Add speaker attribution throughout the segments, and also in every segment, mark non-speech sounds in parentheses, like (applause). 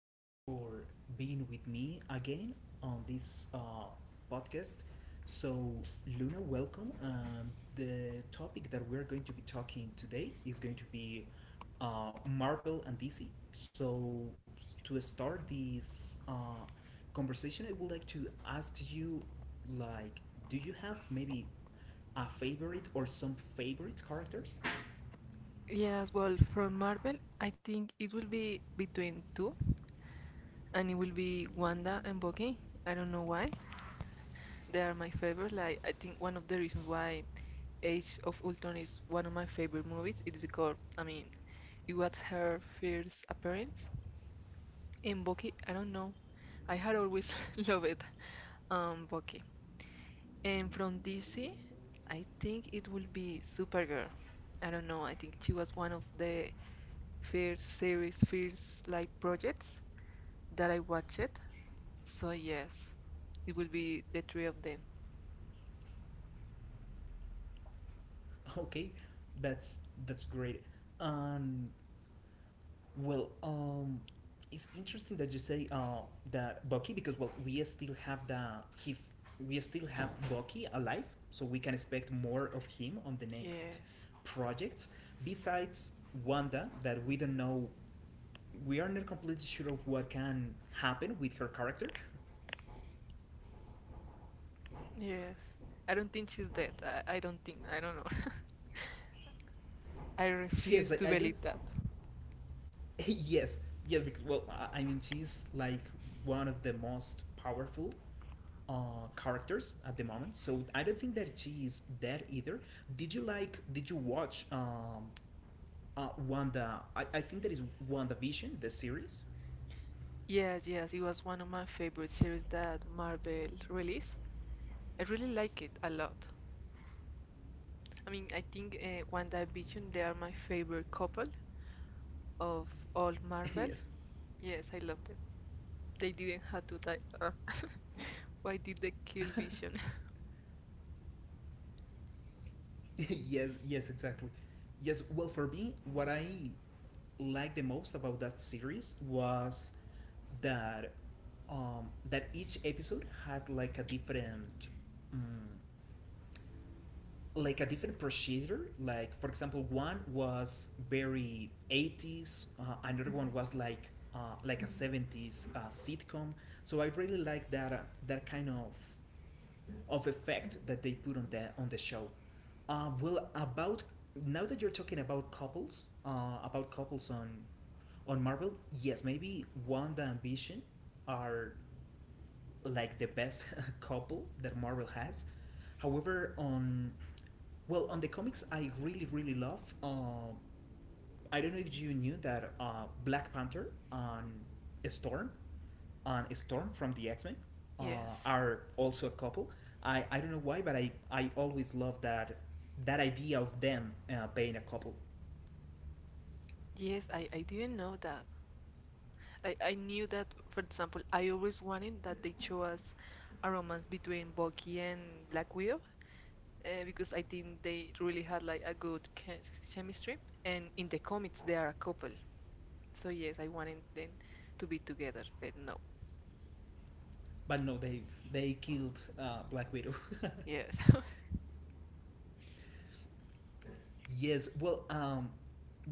Speaker 1: Thank you so much for being with me again on this podcast. So, Luna, welcome. The topic that we're going to be talking today is going to be Marvel and DC. So, to start this conversation, I would like to ask you, like, do you have maybe a favorite or some favorite characters? (laughs)
Speaker 2: Yes, well, from Marvel, I think it will be between two, and it will be Wanda and Bucky. I don't know why. They are my favorite. Like, I think one of the reasons why Age of Ultron is one of my favorite movies is because, I mean, it was her first appearance. And Bucky, I don't know. I had always (laughs) loved it, Bucky. And from DC, I think it will be Supergirl. I don't know. I think she was one of the first series, first like projects that I watched it. So yes, it will be the three of them.
Speaker 1: Okay, that's that's great. Um, Well, it's interesting that you say that Bucky because well, we still have he f- we still have Bucky alive, so we can expect more of him on the next
Speaker 2: Yes,
Speaker 1: projects. Besides Wanda, that we don't know, we are not completely sure of what can happen with her character. (laughs)
Speaker 2: yes. I don't think she's dead. I don't think. I don't know. (laughs) I refuse
Speaker 1: Yes,
Speaker 2: to
Speaker 1: I don't.
Speaker 2: believe that.
Speaker 1: (laughs) Yes, yes, because well, I mean she's like one of the most powerful characters at the moment. So I don't think that she is dead either. Did you like? Did you watch Wanda? I think that is Wanda Vision, the series.
Speaker 2: Yes, yes. It was one of my favorite series that Marvel released. I really like it a lot. I mean, I think WandaVision, they are my favorite couple of all
Speaker 1: (laughs)
Speaker 2: Marvel.
Speaker 1: Yes,
Speaker 2: Yes, I love them. They didn't have to die. (laughs) Why did they kill Vision? (laughs)
Speaker 1: (laughs) yes, yes, exactly. Yes. Well, for me, what I liked the most about that series was that that each episode had like a different. Um, like a different procedure. Like for example, one was very 80s. Another one was like a 70s sitcom. So I really like that that kind of effect that they put on the show. Well, about now that you're talking about couples on Marvel, yes, maybe Wanda and Vision are like the best (laughs) couple that Marvel has. However, on the comics, I really love. I don't know if you knew that Black Panther and Storm Storm from the X Men uh,
Speaker 2: Yes.
Speaker 1: are also a couple. I don't know why, but I always love that that idea of them being a couple.
Speaker 2: Yes, I didn't know that. I knew that, for example, I always wanted that they chose a romance between Bucky and Black Widow because I think they really had like a good chemistry. And in the comics, they are a couple. So yes, I wanted them to be together, but no.
Speaker 1: But no, they killed Black Widow.
Speaker 2: Yes. (laughs)
Speaker 1: Yes, well,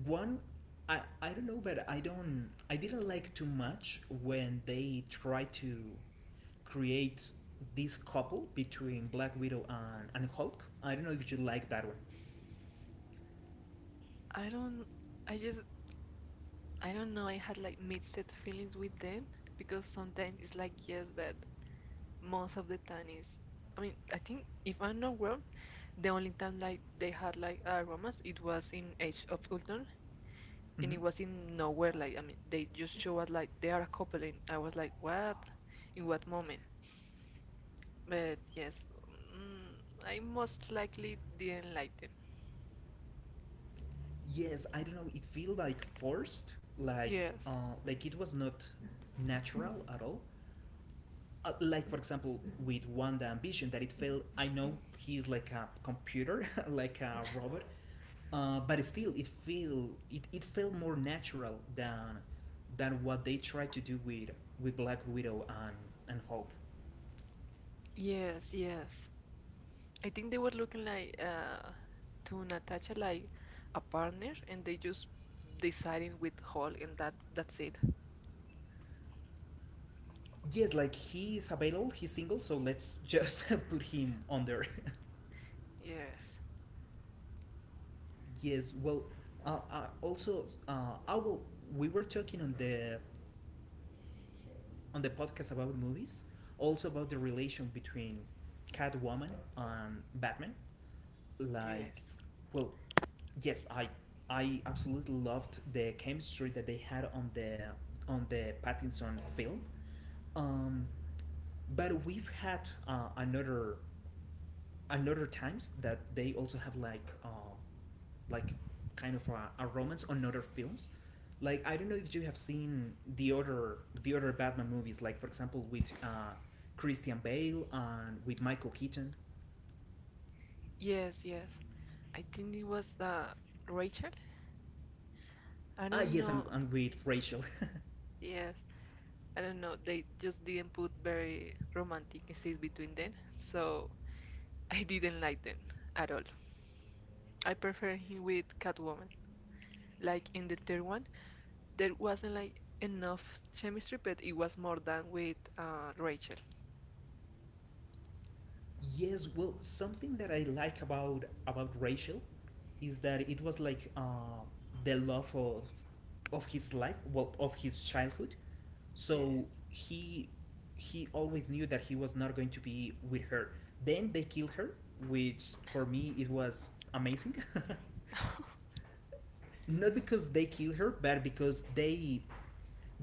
Speaker 1: one, I don't know, but I don't, I didn't like too much when they try to create this couple between Black Widow and, Hulk. I don't know if you like that one.
Speaker 2: I don't, I just, I don't know. I had like mixed feelings with them because sometimes it's like yes, but most of the time is. I mean, I think if I'm not wrong, the only time like they had like a romance, it was in Age of Ultron, and it
Speaker 1: Hmm.
Speaker 2: was in nowhere. Like I mean, they just show us like they are a couple, and I was like, what? In what moment? But yes, mm, I most likely didn't like them.
Speaker 1: Yes, I don't know. It feel like forced,
Speaker 2: Yes.
Speaker 1: like it was not natural at all. Like for example with Wanda Ambition that it failed. I know he's like a computer, (laughs) like a robot, but still it feel it felt more natural than what they tried to do with Black Widow and Hulk.
Speaker 2: Yes, yes. I think they were looking like to Natasha like a partner, and they just deciding with Hulk, and that's it.
Speaker 1: Yes, like he is available, he's single, so let's just (laughs) put him on there.
Speaker 2: Yes,
Speaker 1: (laughs) Yes, well, also I will. We were talking on the podcast about movies, also about the relation between Catwoman and Batman. Like,
Speaker 2: yes,
Speaker 1: well, yes, I absolutely loved the chemistry that they had on the Pattinson film. Um, but we've had another times that they also have like kind of a romance on other films. Like I don't know if you have seen the other Batman movies, like for example with Christian Bale and with Michael Keaton.
Speaker 2: yes, yes. I think it was Rachel. I
Speaker 1: Ah
Speaker 2: don't
Speaker 1: yes,
Speaker 2: know.
Speaker 1: and with Rachel.
Speaker 2: Yes, I don't know. They just didn't put very romantic scenes between them, so (laughs) I didn't like them at all. I prefer him with Catwoman. Like in the third one, there wasn't like enough chemistry, but it was more than with Rachel.
Speaker 1: Yes, well, something that I like about Rachel is that it was like the love of his life, well, of his childhood.
Speaker 2: Yes.
Speaker 1: So he always knew that he was not going to be with her. Then they kill her, which for me it was amazing. (laughs)
Speaker 2: (laughs)
Speaker 1: Not because they kill her, but because they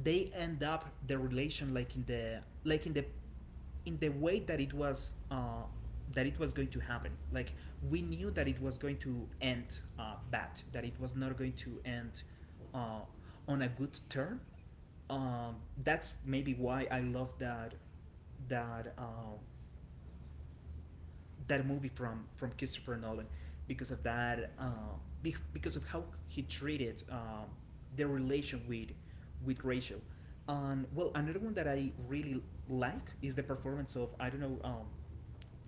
Speaker 1: they end up the relation like in the way that it was going to happen. Like we knew that it was going to end bad, that it was not going to end uh, on a good term. Um, that's maybe why I love that that movie from Christopher Nolan because of that because of how he treated the relation with Rachel. And well, another one that I really like is the performance of I don't know.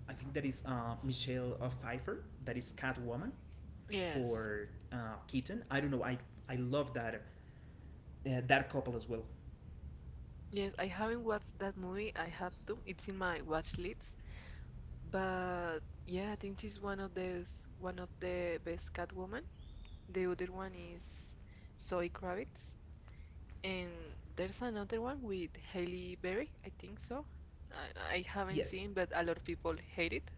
Speaker 1: I think that is Michelle Pfeiffer that is Catwoman
Speaker 2: Yes.
Speaker 1: for Keaton. I don't know. I love that that couple as well.
Speaker 2: Yes, I haven't watched that movie. I have to. It's in my watch list. But yeah, I think she's one of the best Catwoman. The other one is Zoe Kravitz, and there's another one with Halle Berry, I think so. I haven't
Speaker 1: Yes,
Speaker 2: seen, but a lot of people hate it,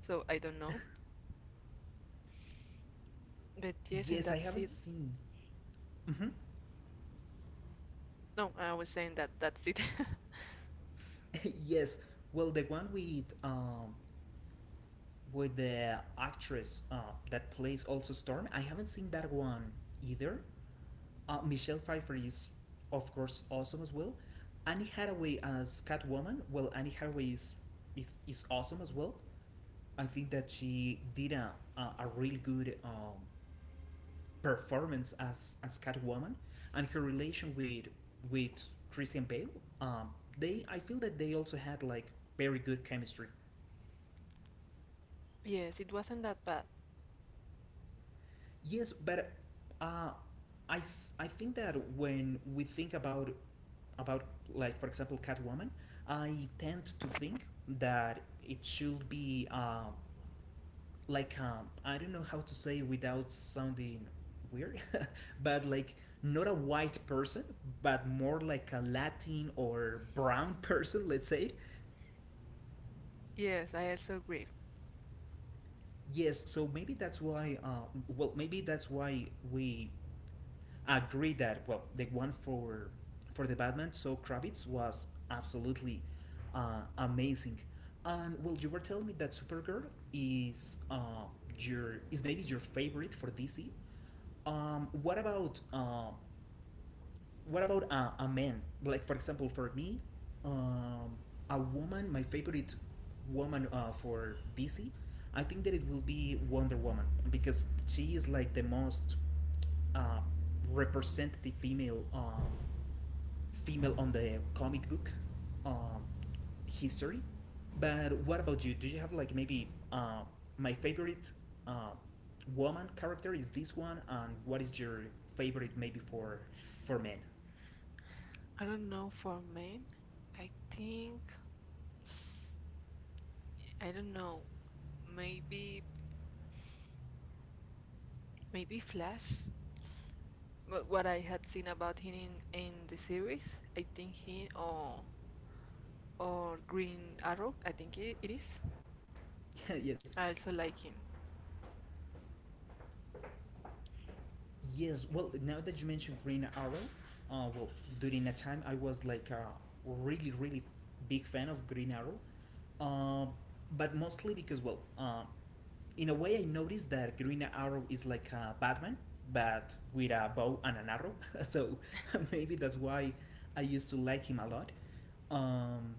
Speaker 2: so I don't know. But yes, and
Speaker 1: yes. I
Speaker 2: that's
Speaker 1: haven't
Speaker 2: it.
Speaker 1: seen. Hmm.
Speaker 2: No, I was saying that that's it. (laughs)
Speaker 1: (laughs) Yes. Well, the one with the actress that plays also Storm. I haven't seen that one either. Michelle Pfeiffer is, of course, awesome as well. Annie Hathaway as Catwoman. Well, Annie Hathaway is awesome as well. I think that she did a really good performance as Catwoman, and her relation with Christian Bale. Um, they I feel that they also had like very good chemistry.
Speaker 2: Yes, it wasn't that bad.
Speaker 1: Yes, but uh, I, I think that when we think about about like for example Catwoman, I tend to think that it should be like I don't know how to say without sounding weird, (laughs) but like not a white person, but more like a Latin or brown (laughs) person, let's say.
Speaker 2: Yes, I also agree.
Speaker 1: Yes, so maybe that's why. Well, maybe that's why we agree that well, the one for the Batman, so Kravitz was absolutely amazing. And well, you were telling me that Supergirl is your is maybe your favorite for DC. What about what about a man? Like for example, for me, um, a woman, my favorite woman for DC, I think that it will be Wonder Woman because she is like the most uh, representative female female on the comic book um, history. But what about you? Do you have like maybe my favorite uh, woman character is this one, and what is your favorite maybe for men?
Speaker 2: I don't know for men. I think I don't know. Maybe maybe Flash. But what I had seen about him in the series, I think he or Green Arrow, I think it is.
Speaker 1: (laughs) Yes.
Speaker 2: I also like him.
Speaker 1: Yes. Well, now that you mentioned Green Arrow, well, during a time I was like a really, really big fan of Green Arrow, uh, but mostly because, well, in a way I noticed that Green Arrow is like a Batman, but with a bow and an arrow. (laughs) So (laughs) maybe that's why I used to like him a lot. Um,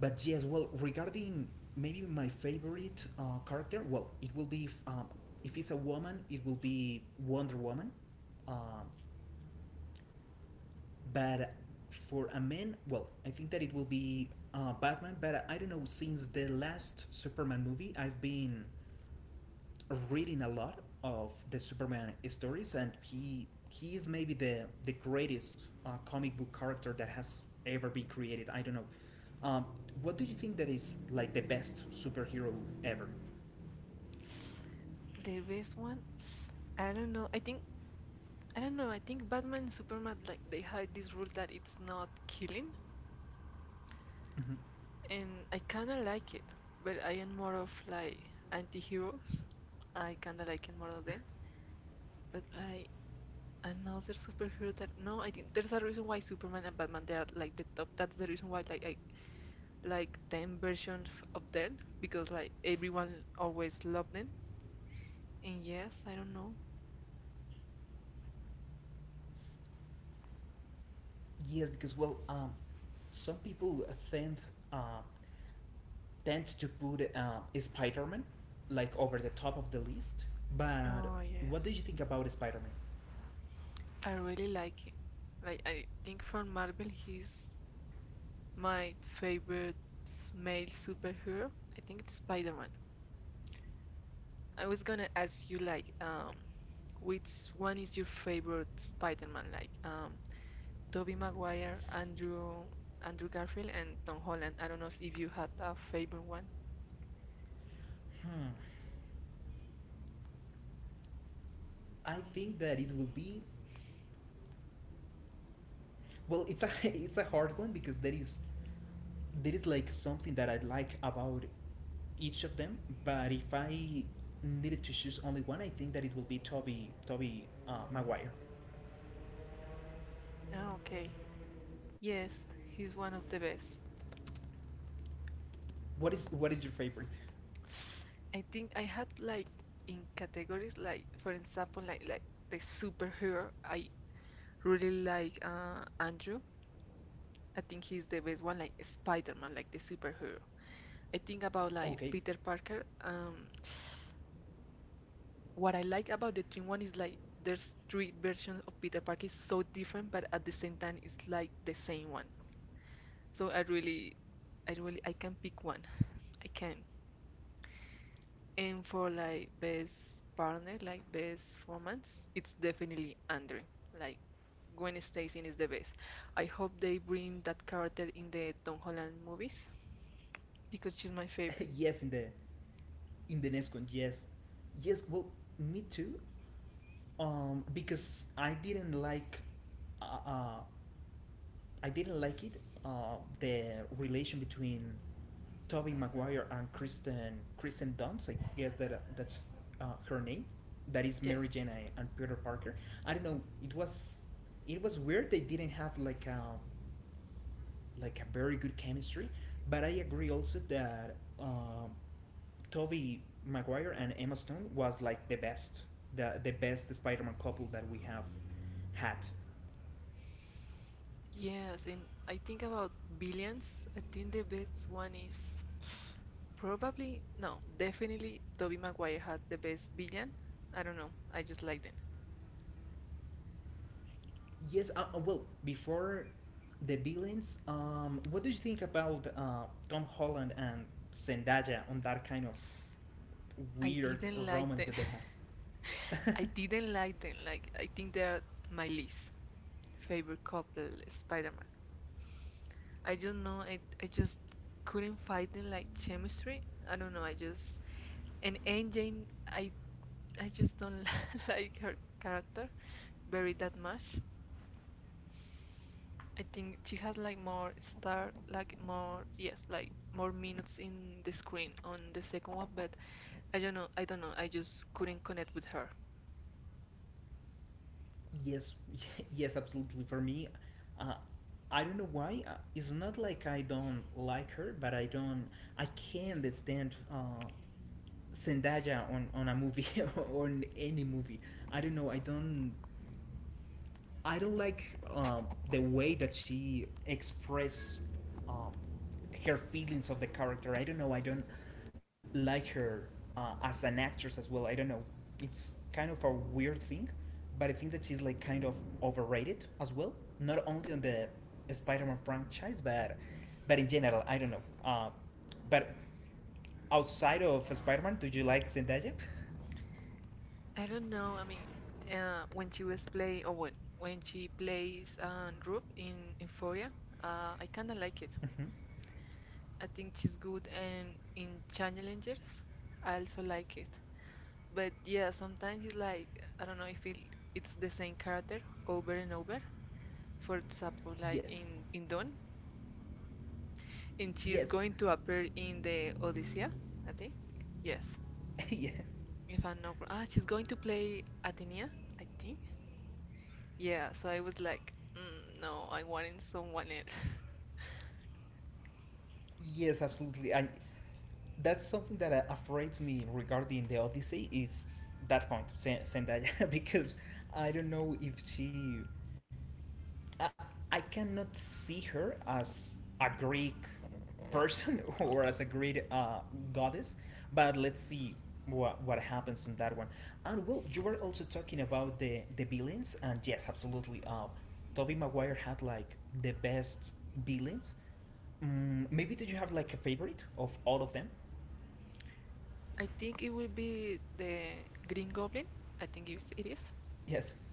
Speaker 1: But yes, well, regarding maybe my favorite character, well, it will be if it's a woman, it will be Wonder Woman. Um, but for a man, well, I think that it will be Batman. But I don't know, since the last Superman movie, I've been reading a lot of the Superman stories, and he is maybe the greatest comic book character that has ever been created. I don't know. Um, what do you think that is like the best superhero ever?
Speaker 2: The best one, I don't know. I think I don't know. I think Batman and Superman like they had this rule that it's not killing,
Speaker 1: Mm-hmm.
Speaker 2: and I kind of like it. But I am more of like anti-heroes. I kind of like it more than them. But like another superhero that no, I think there's a reason why Superman and Batman they are like the top. That's the reason why like I like ten versions of them because like everyone always loved them. And yes, I don't know.
Speaker 1: Yes, because well, some people tend uh, tend to put Spider-Man like over the top of the list. But
Speaker 2: Oh, yes.
Speaker 1: what do you think about Spider-Man?
Speaker 2: I really like him. Like, I think from Marvel, he's my favorite male superhero. I think it's Spider-Man. I was gonna ask you, like, which one is your favorite Spider-Man? Like, Tobey Maguire, Andrew, Andrew Garfield, and Tom Holland. I don't know if you had a favorite one.
Speaker 1: I think that it will be well. It's a (laughs) it's a hard one because there is like something that I like about each of them, but if I needed to choose only one, I think that it will be Toby Maguire.
Speaker 2: Ah, okay. Yes, he's one of the best.
Speaker 1: What is your favorite?
Speaker 2: I think I had like in categories like for example like the superhero I really like Andrew. I think he's the best one like Spider-Man like the superhero. I think about like
Speaker 1: Okay,
Speaker 2: Peter Parker. What I like about the Dream one is like there's three versions of Peter Parker is so different but at the same time it's like the same one. So I really I can pick one. I can. And for like best partner, like best romance, it's definitely Andrew. Like Gwen Stacy is the best. I hope they bring that character in the Tom Holland movies because she's my favorite.
Speaker 1: (laughs) yes, in the next one, yes, yes. Well, me too. Because uh, uh I didn't like it. The relation between Toby Maguire and Kristen Dunst, I guess that that's her name. That is Mary
Speaker 2: Yes.
Speaker 1: Jane and Peter Parker. I don't know. It was weird they didn't have like a very good chemistry. But I agree also that Toby Maguire and Emma Stone was like the best Spider-Man couple that we have had.
Speaker 2: Yes, and I think about billions. I think the best one is probably no, definitely Tobey Maguire has the best villain. I don't know. I just like them.
Speaker 1: Yes. Well, before the villains, what do you think about Tom Holland and Zendaya on that kind of
Speaker 2: I
Speaker 1: weird
Speaker 2: didn't like
Speaker 1: romance that
Speaker 2: them.
Speaker 1: they have?
Speaker 2: (laughs) I didn't like them. Like I think they're my least favorite couple, Spider-Man. I don't know, I just couldn't find the like chemistry. I don't know, I just and Aunt Jane, I just don't (laughs) like her character very that much. I think she has like more star, like more yes, like more minutes in the screen on the second one, but I don't know, I just couldn't connect with her.
Speaker 1: (laughs) Yes. (laughs) Yes, absolutely. For me, uh, I don't know why. It's not like I don't like her, but I don't. I can't stand Zendaya on a movie (laughs) or on any movie. I don't know. I don't like the way that she expressed um, her feelings of the character. I don't know. I don't like her as an actress as well. I don't know. It's kind of a weird thing, but I think that she's like kind of overrated as well. Not only on the Spider-Man franchise, but in general, I don't know. But outside of Spider-Man, do you like Zendaya? (laughs)
Speaker 2: I don't know, I mean, when she was playing, or when she plays Rube in Euphoria, I kind of like it.
Speaker 1: Mhm.
Speaker 2: I think she's good and in Challengers I also like it. But yeah, sometimes it's like I don't know if it's the same character over and over. For example, like
Speaker 1: Yes,
Speaker 2: in Dawn, and she's
Speaker 1: yes,
Speaker 2: going to appear in the Odyssey, I think. Yes,
Speaker 1: (laughs) yes,
Speaker 2: if I'm not wrong. Ah, she's going to play Athena, I think. Yeah, so I was like, mm, no, I wanted someone else. (laughs)
Speaker 1: yes. Absolutely. I That's something that afraids me regarding the Odyssey is that point Zendaya (laughs) because I don't know if she I, I cannot see her as a Greek person (laughs) or as a Greek goddess. But let's see what happens on that one. And well, you were also talking about the villains, and yes, absolutely, Tobey Maguire had like the best villains. Maybe do you have like a favorite of all of them?
Speaker 2: I think it will be the Green Goblin. I think it is.
Speaker 1: Yes.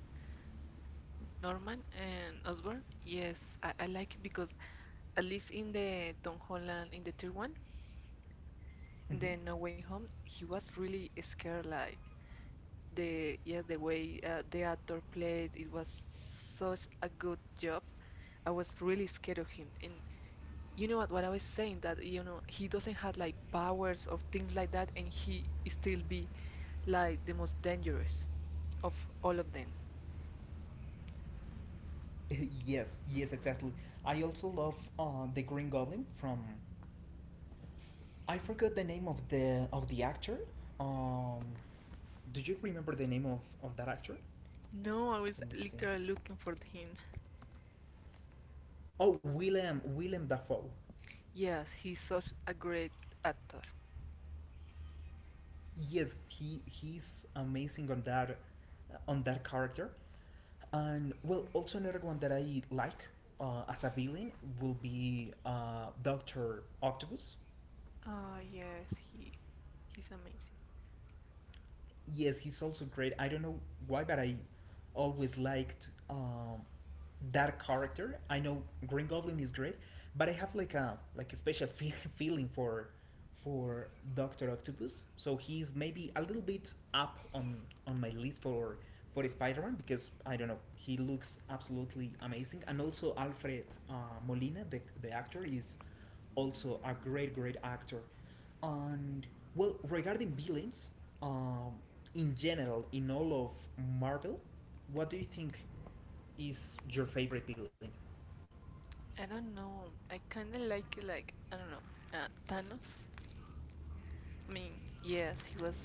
Speaker 2: Norman and Osborn, yes, I like it because at least in the Tom Holland in the third one, in the
Speaker 1: Mm-hmm.
Speaker 2: No Way Home, he was really scared. Like the yes, the way the actor played, it was such a good job. I was really scared of him. And you know what? What I was saying that you know he doesn't have like powers or things like that, and he still be like the most dangerous of all of them.
Speaker 1: (laughs) Yes, yes, exactly. I also love the Green Goblin from. I forgot the name of the actor. Um, do you remember the name of that actor?
Speaker 2: No, I was
Speaker 1: Let me see.
Speaker 2: literally looking for him.
Speaker 1: Oh, Willem Dafoe.
Speaker 2: Yes, he's such a great actor.
Speaker 1: Yes, he's amazing on that character. And well, also another one that I like as a villain will be Doctor Octopus.
Speaker 2: Ah, yes, he he's amazing.
Speaker 1: Yes, he's also great. I don't know why, but I always liked that character. I know Green Goblin is great, but I have like a special (laughs) feeling for Doctor Octopus. So he's maybe a little bit up on my list for Spider-Man because I don't know, he looks absolutely amazing, and also Alfred Molina, the actor, is also a great, great actor. And well, regarding villains, um, in general, in all of Marvel, what do you think is your favorite villain?
Speaker 2: I don't know. I kind of like I don't know, Thanos. I mean, yes, he was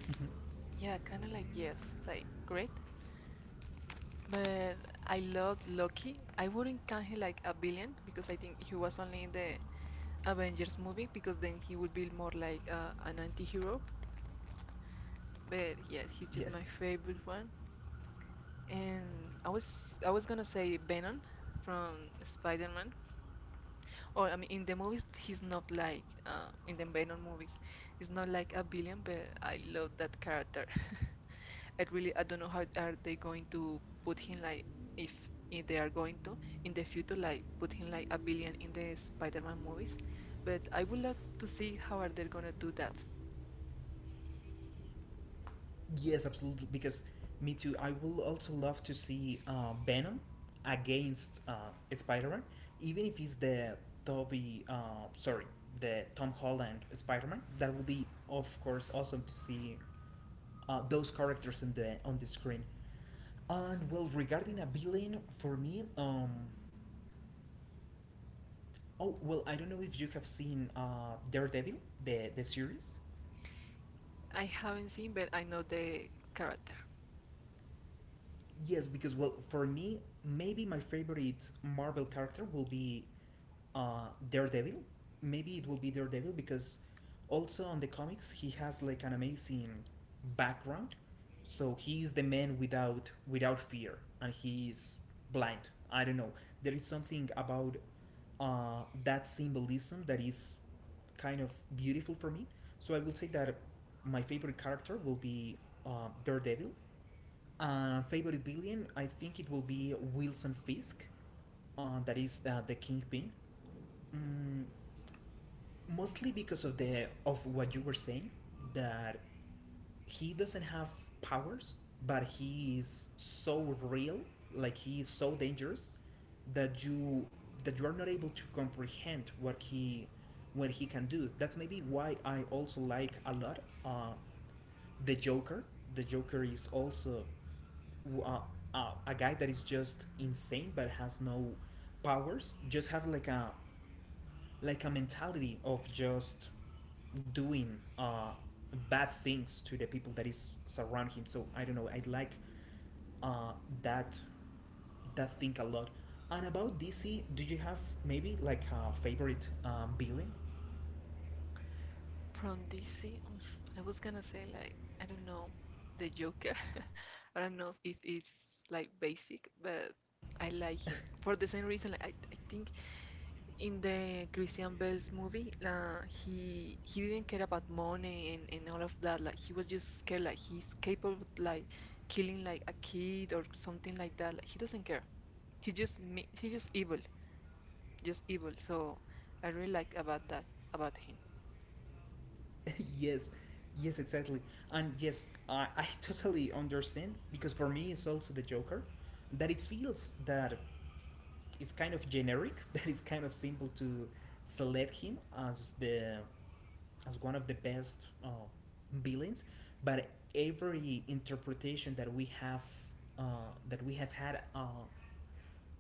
Speaker 2: yeah, kind of like yes, like great. But I loved Loki. I wouldn't count him like a villain because I think he was only in the Avengers movie because then he would be more like an anti-hero. But yes, he's just
Speaker 1: Yes.
Speaker 2: my favorite one. And I was I was gonna say Venom from Spider-Man. Or I mean, in the movies, he's not like in the Venom movies, he's not like a villain, but I love that character. (laughs) I really I don't know how are they going to put him like if if they are going to in the future like put him like a billion in the Spider-Man movies, but I would love to see how are they gonna do that.
Speaker 1: Yes, absolutely. Because me too. I will also love to see Venom against Spider-Man, even if it's the Toby. Sorry, the Tom Holland Spider-Man. That would be, of course, awesome to see those characters on the screen. And well, regarding a villain, for me, oh well, I don't know if you have seen Daredevil, the series.
Speaker 2: I haven't seen, but I know the character.
Speaker 1: Yes, because well, for me, maybe my favorite Marvel character will be Daredevil. Maybe it will be Daredevil because also on the comics he has like an amazing background. So he is the man without fear, and he is blind. I don't know. There is something about that symbolism that is kind of beautiful for me. So I will say that my favorite character will be Daredevil. Uh, favorite villain, I think it will be Wilson Fisk, that is the Kingpin. Mm, mostly because of the of what you were saying, that he doesn't have powers, but he is so real, like he is so dangerous that you that you are not able to comprehend what he can do. That's maybe why I also like a lot the Joker. The Joker is also uh, a guy that is just insane but has no powers. Just have like a mentality of just doing bad things to the people that is surround him. So I don't know. I like uh, that that thing a lot. And about DC, do you have maybe like a favorite villain?
Speaker 2: From DC, oh, I was gonna say like I don't know the Joker. (laughs) I don't know if it's like basic, but I like him for the same reason. Like, I think in the Christian Bale's movie, he didn't care about money and all of that. Like he was just scared. Like he's capable of like killing like a kid or something like that. Like he doesn't care. He just me. He just evil. Just evil. So I really like about that about him.
Speaker 1: (laughs) Yes, yes, exactly. And yes, I (laughs) totally understand because for me it's also the Joker. That it feels that it's kind of generic. (laughs) That it's kind of simple to select him as the as one of the best villains. But every interpretation that we have that we have had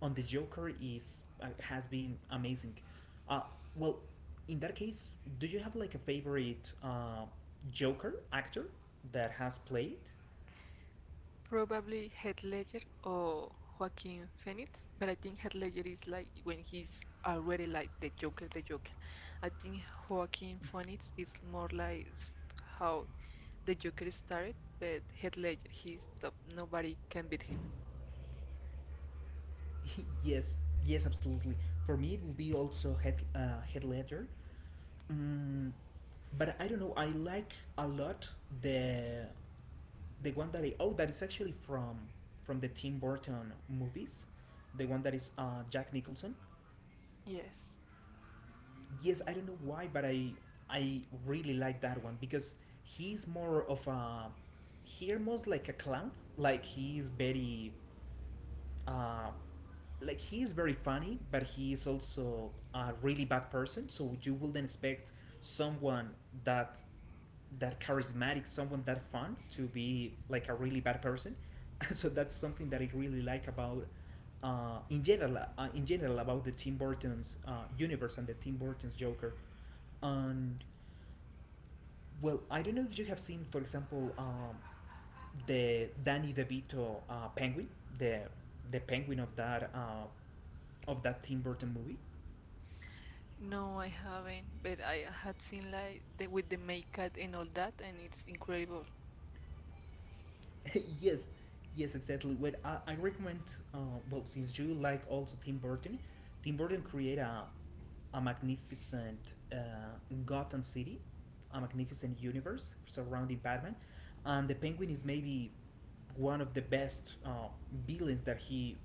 Speaker 1: on the Joker is has been amazing. Uh, well, in that case, do you have like a favorite Joker actor that has played?
Speaker 2: Probably Heath Ledger or Joaquin Phoenix, but I think Heath Ledger is like when he's already like the Joker, the Joker. I think Joaquin Phoenix is more like how the Joker started, but Heath Ledger, he's top. Nobody can beat him.
Speaker 1: (laughs) Yes, yes, absolutely. For me, it will be also Head Head Ledger. Mm, but I don't know. I like a lot the the one that oh, that is actually from the Tim Burton movies, the one that is Jack Nicholson.
Speaker 2: Yes.
Speaker 1: Yes, I don't know why, but I really like that one because he's more of a he almost like a clown. Like he's very uh, like he is very funny, but he is also a really bad person. So you wouldn't expect someone that that charismatic, someone that fun to be like a really bad person. (laughs) So that's something that I really like about in general about the Tim Burton's universe and the Tim Burton's Joker. And well, I don't know if you have seen, for example, the Danny DeVito Penguin, the the Penguin of that Tim Burton movie.
Speaker 2: No, I haven't, but I have seen like the, with the makeup and all that, and it's incredible.
Speaker 1: (laughs) Yes, yes, exactly. What I recommend, uh, well, since you like also Tim Burton, Tim Burton create a magnificent Gotham City, a magnificent universe surrounding Batman, and the Penguin is maybe one of the best villains that he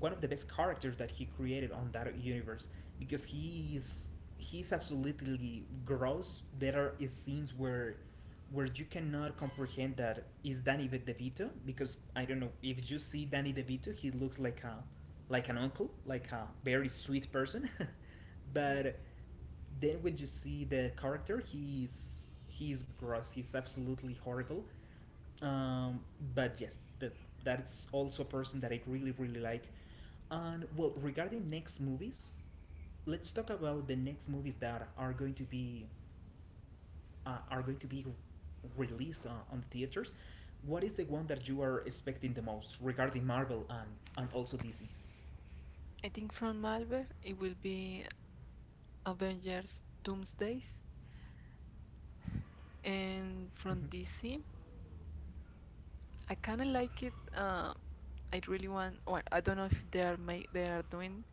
Speaker 1: one of the best characters that he created on that universe because he is he's absolutely gross. There are scenes where you cannot comprehend that is Danny DeVito because I don't know if you see Danny DeVito, he looks like a like an uncle, like a very sweet person, (laughs)
Speaker 2: Yes.
Speaker 1: but then when you see the character, he's gross. He's absolutely horrible. Um, but yes, that that is also a person that I really really like. And well, regarding next movies, let's talk about the next movies that are going to be uh, are going to be released on the theaters. What is the one that you are expecting the most regarding Marvel and also DC?
Speaker 2: I think from Marvel it will be Avengers Doomsdays, and from DC. I kind of like it. I really want. Well, I don't know if they are they are doing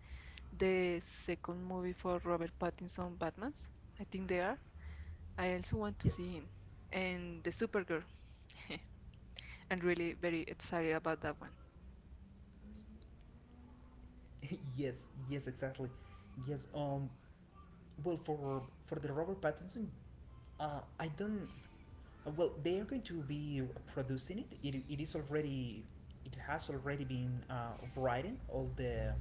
Speaker 2: the second movie for Robert Pattinson Batman's. I think they are. I also want to
Speaker 1: Yes.
Speaker 2: see him and the Supergirl. (laughs) I'm really very excited about that one.
Speaker 1: (laughs) Yes, yes, exactly. Yes. Well, for the Robert Pattinson, I don't. Uh, well, they are going to be producing it. It is already. It has already been writing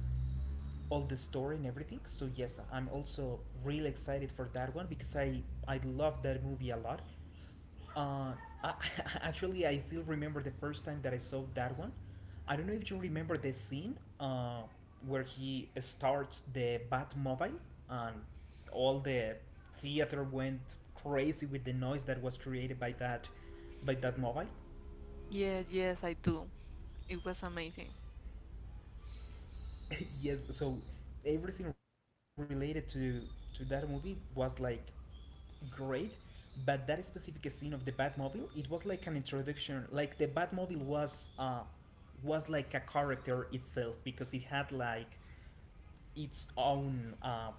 Speaker 1: all the story and everything. So yes, I'm also really excited for that one because I love that movie a lot. Uh, I, (laughs) actually, I still remember the first time that I saw that one. I don't know if you remember the scene where he starts the Batmobile and all the theater went crazy with the noise that was created by that mobile.
Speaker 2: Yes, yes, I do. It was amazing.
Speaker 1: (laughs) Yes, so everything related to that movie was like great, but that specific scene of the Batmobile, it was like an introduction. Like the Batmobile was like a character itself because it had like its own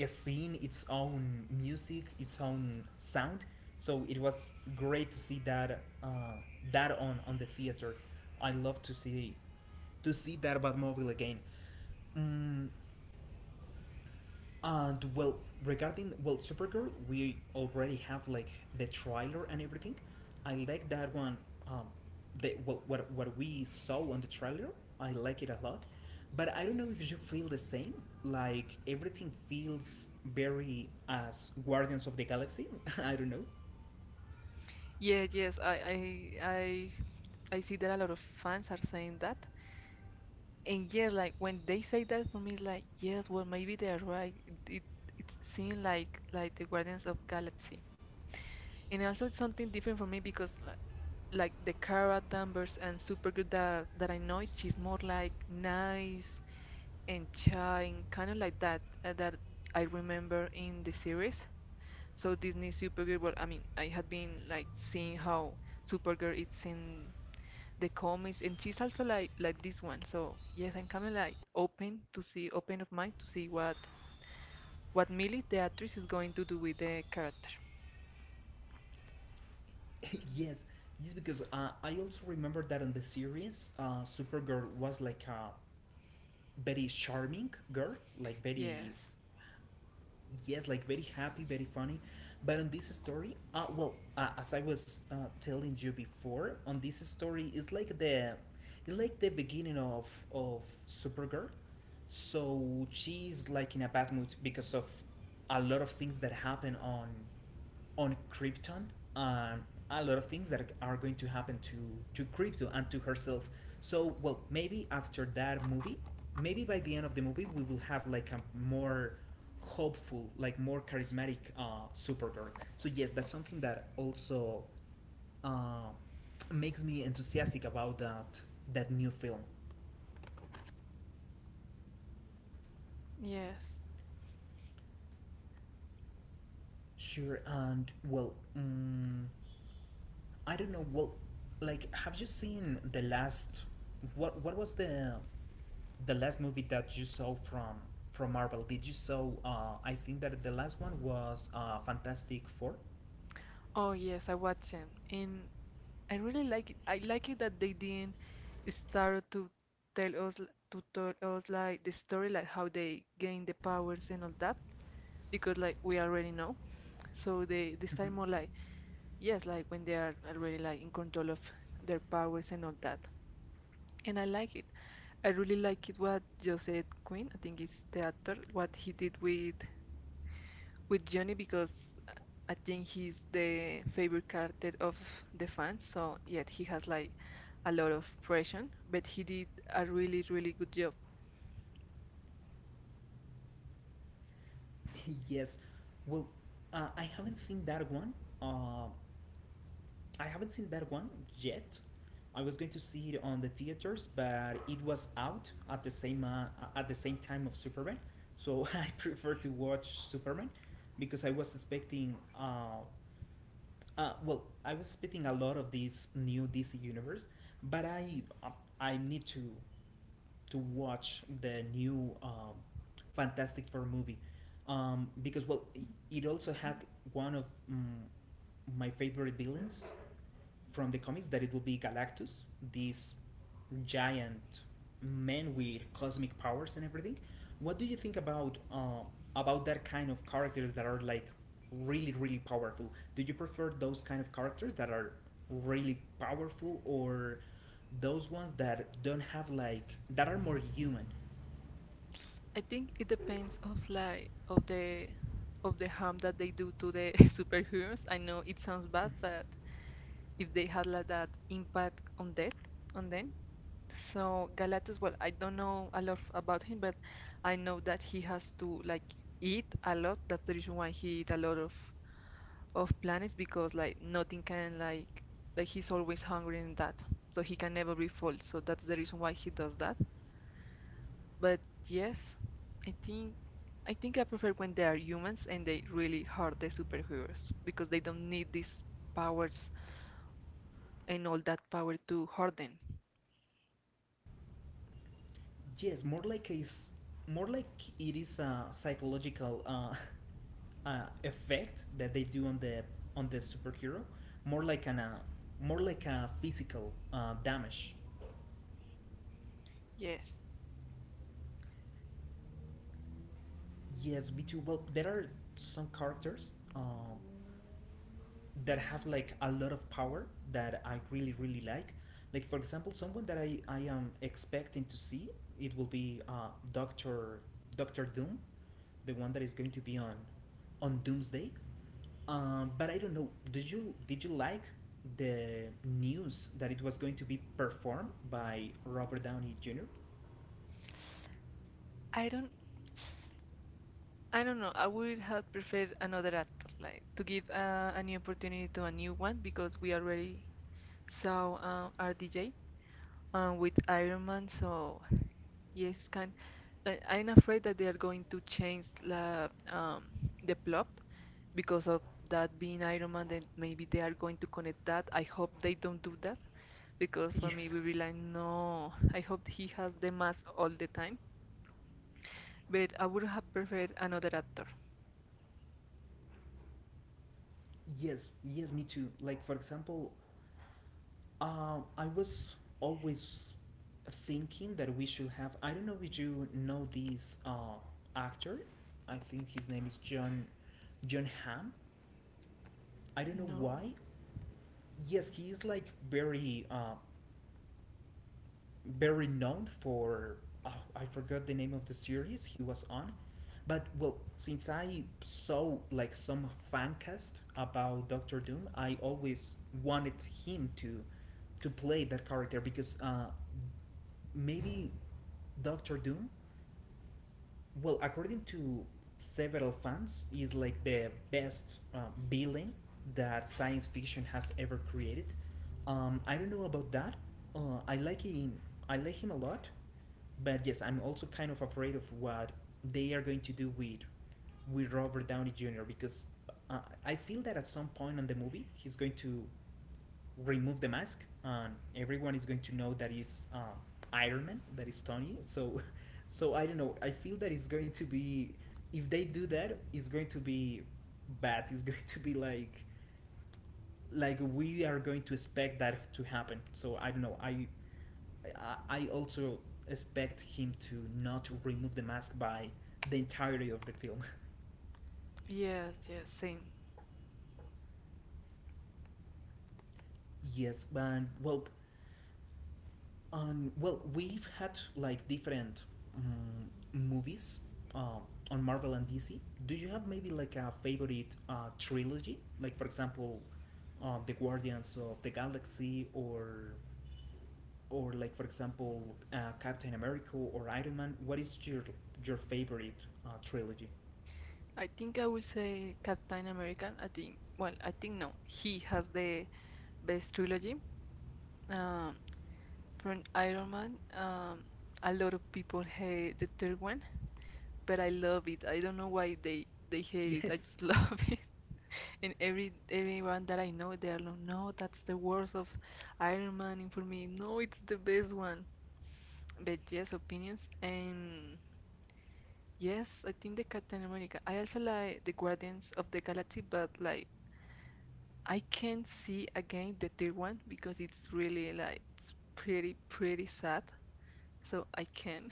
Speaker 1: a scene, its own music, its own sound. So it was great to see that that on the theater. I love to see that Batmobile again. Mm, and well, regarding well, Supergirl, we already have like the trailer and everything. I like that one. Um, the well, what we saw on the trailer, I like it a lot. But I don't know if you feel the same. Like everything feels very as Guardians of the Galaxy. (laughs) I don't know.
Speaker 2: Yeah, yes, I see that a lot of fans are saying that. And yes, like when they say that for me, it's like, yes, well, maybe they're right. It seems like the Guardians of Galaxy. And also it's something different for me because like the Cara Danvers and Supergirl that I know, she's more like nice and shy and kind of like that I remember in the series. So Disney Supergirl, well, I mean, I had been like seeing how Supergirl it's in the comics, and she's also like this one. So yes, I'm kind of like open to see, open of mind to see what Millie, the actress, is going to do with the character.
Speaker 1: (laughs) Yes, yes, because I also remember that on the series, Supergirl was like a very charming girl, like very
Speaker 2: Yes,
Speaker 1: yes, like very happy, very funny, but on this story as I was telling you before, on this story is like the it's like the beginning of Supergirl. So she's like in a bad mood because of a lot of things that happen on Krypton and a lot of things that are going to happen to Krypto and to herself. So well, maybe after that movie, maybe by the end of the movie, we will have like a more hopeful, like more charismatic Supergirl. So yes, that's something that also uh, makes me enthusiastic about that that new film.
Speaker 2: yes.
Speaker 1: Sure, and well, mm, I don't know. Well, like, have you seen the last? What was the last movie that you saw from Marvel, did you saw? I think that the last one was Fantastic 4.
Speaker 2: Oh yes, I watched them, and I really like it. I like it that they didn't start to tell to tell us like the story, like how they gain the powers and all that, because like we already know. So they start
Speaker 1: Mm-hmm.
Speaker 2: more like yes, like when they are already like in control of their powers and all that. And I like it. I really like it what Joseph Quinn, I think it's the actor, what he did with Johnny because I think he's the favorite character of the fans. So yet he has like a lot of pressure, but he did a really good job.
Speaker 1: (laughs) Yes. Well, I haven't seen that one. Uh, I haven't seen that one yet. I was going to see it on the theaters, but it was out at the same time of Superman. So (laughs) I prefer to watch Superman because I was expecting uh, well, I was spitting a lot of this new DC universe, but I need to watch the new Fantastic Four movie because well, it also had one of mm, my favorite villains from the comics that it will be Galactus, this giant man with cosmic powers and everything. What do you think about that kind of characters that are like really really powerful? Do you prefer those kind of characters that are really powerful or those ones that don't have like that are more human?
Speaker 2: I think it depends of like of the harm that they do to the (laughs) superheroes. I know it sounds bad, but if they had like that impact on that on them. So Galactus, well, I don't know a lot about him, but I know that he has to like eat a lot. That's the reason why he eat a lot of planets because like nothing can like he's always hungry and that so he can never be full so that's the reason why he does that but yes i think I think I prefer when they are humans and they really hurt the superheroes because they don't need these powers and all that power to hurt them.
Speaker 1: Yes, more like a more like it is a psychological (laughs) effect that they do on the superhero, more like an more like a physical damage.
Speaker 2: Yes,
Speaker 1: Yes, B two. Well, there are some characters that have like a lot of power that I really really like. Like for example, someone that I am expecting to see it will be Doctor Doom, the one that is going to be on Doomsday. But I don't know. Did you like the news that it was going to be performed by Robert Downey Jr.?
Speaker 2: i don't I don't know. I would have preferred another actor, like to give a new opportunity to a new one because we already saw RDJ with Iron Man, so yes, kind. Like, I'm afraid that they are going to change la the plot because of that being Iron Man. Then maybe they are going to connect that. I hope they don't do that because for me, we
Speaker 1: Yes,
Speaker 2: will be like, no. I hope he has the mask all the time. But I would have preferred another actor.
Speaker 1: yes, yes. Me too. Like for example, I was always thinking that we should have. I don't know if you know this actor. I think his name is John Hamm. I don't know
Speaker 2: No.
Speaker 1: why. Yes, he is like very very known for oh, I forgot the name of the series he was on, but well, since I saw like some fan cast about Doctor Doom, I always wanted him to play that character because maybe Doctor Doom, well, according to several fans, is like the best villain that science fiction has ever created. I don't know about that. I like him. I like him a lot, but yes, I'm also kind of afraid of what they are going to do with Robert Downey Jr. because I feel that at some point on the movie he's going to remove the mask and everyone is going to know that is Iron Man, that is Tony. So, (laughs) so I don't know. I feel that it's going to be if they do that, it's going to be bad. It's (laughs) going to be like we are going to expect that to happen. So I don't know. I also expect him to not remove the mask by the entirety of the film.
Speaker 2: Yes, yes, same.
Speaker 1: (laughs) Yes, but well, well, we've had like different movies uh, on Marvel and DC. Do you have maybe like a favorite trilogy? Like for example, the Guardians of the Galaxy, or like for example, Captain America or Iron Man. What is your favorite trilogy?
Speaker 2: I think I will say Captain American. I think, well, I think no, he has the best trilogy. Um, From Iron Man, a lot of people hate the third one, but I love it. I don't know why they hate it. I
Speaker 1: Yes,
Speaker 2: just (laughs) love it. And everyone that I know, they are like, no, that's the worst of Iron Man. And for me, no, it's the best one. But yes, opinions. And yes, I think the Captain America. I also like the Guardians of the Galaxy, but like I can't see again the third one because it's really like it's pretty pretty sad. So I can.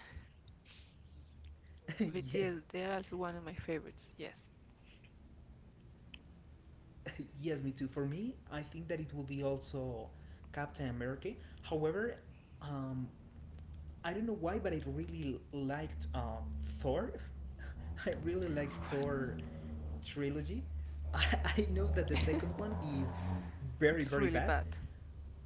Speaker 2: But
Speaker 1: (laughs) yes.
Speaker 2: yes, they're also one of my favorites. Yes.
Speaker 1: (laughs) Yes, me too. For me, I think that it will be also Captain America. However, um, I don't know why, but I really liked Thor. (laughs) I really like Thor trilogy. (laughs) I know that the second
Speaker 2: (laughs)
Speaker 1: one is very
Speaker 2: It's
Speaker 1: very
Speaker 2: really
Speaker 1: bad.
Speaker 2: bad.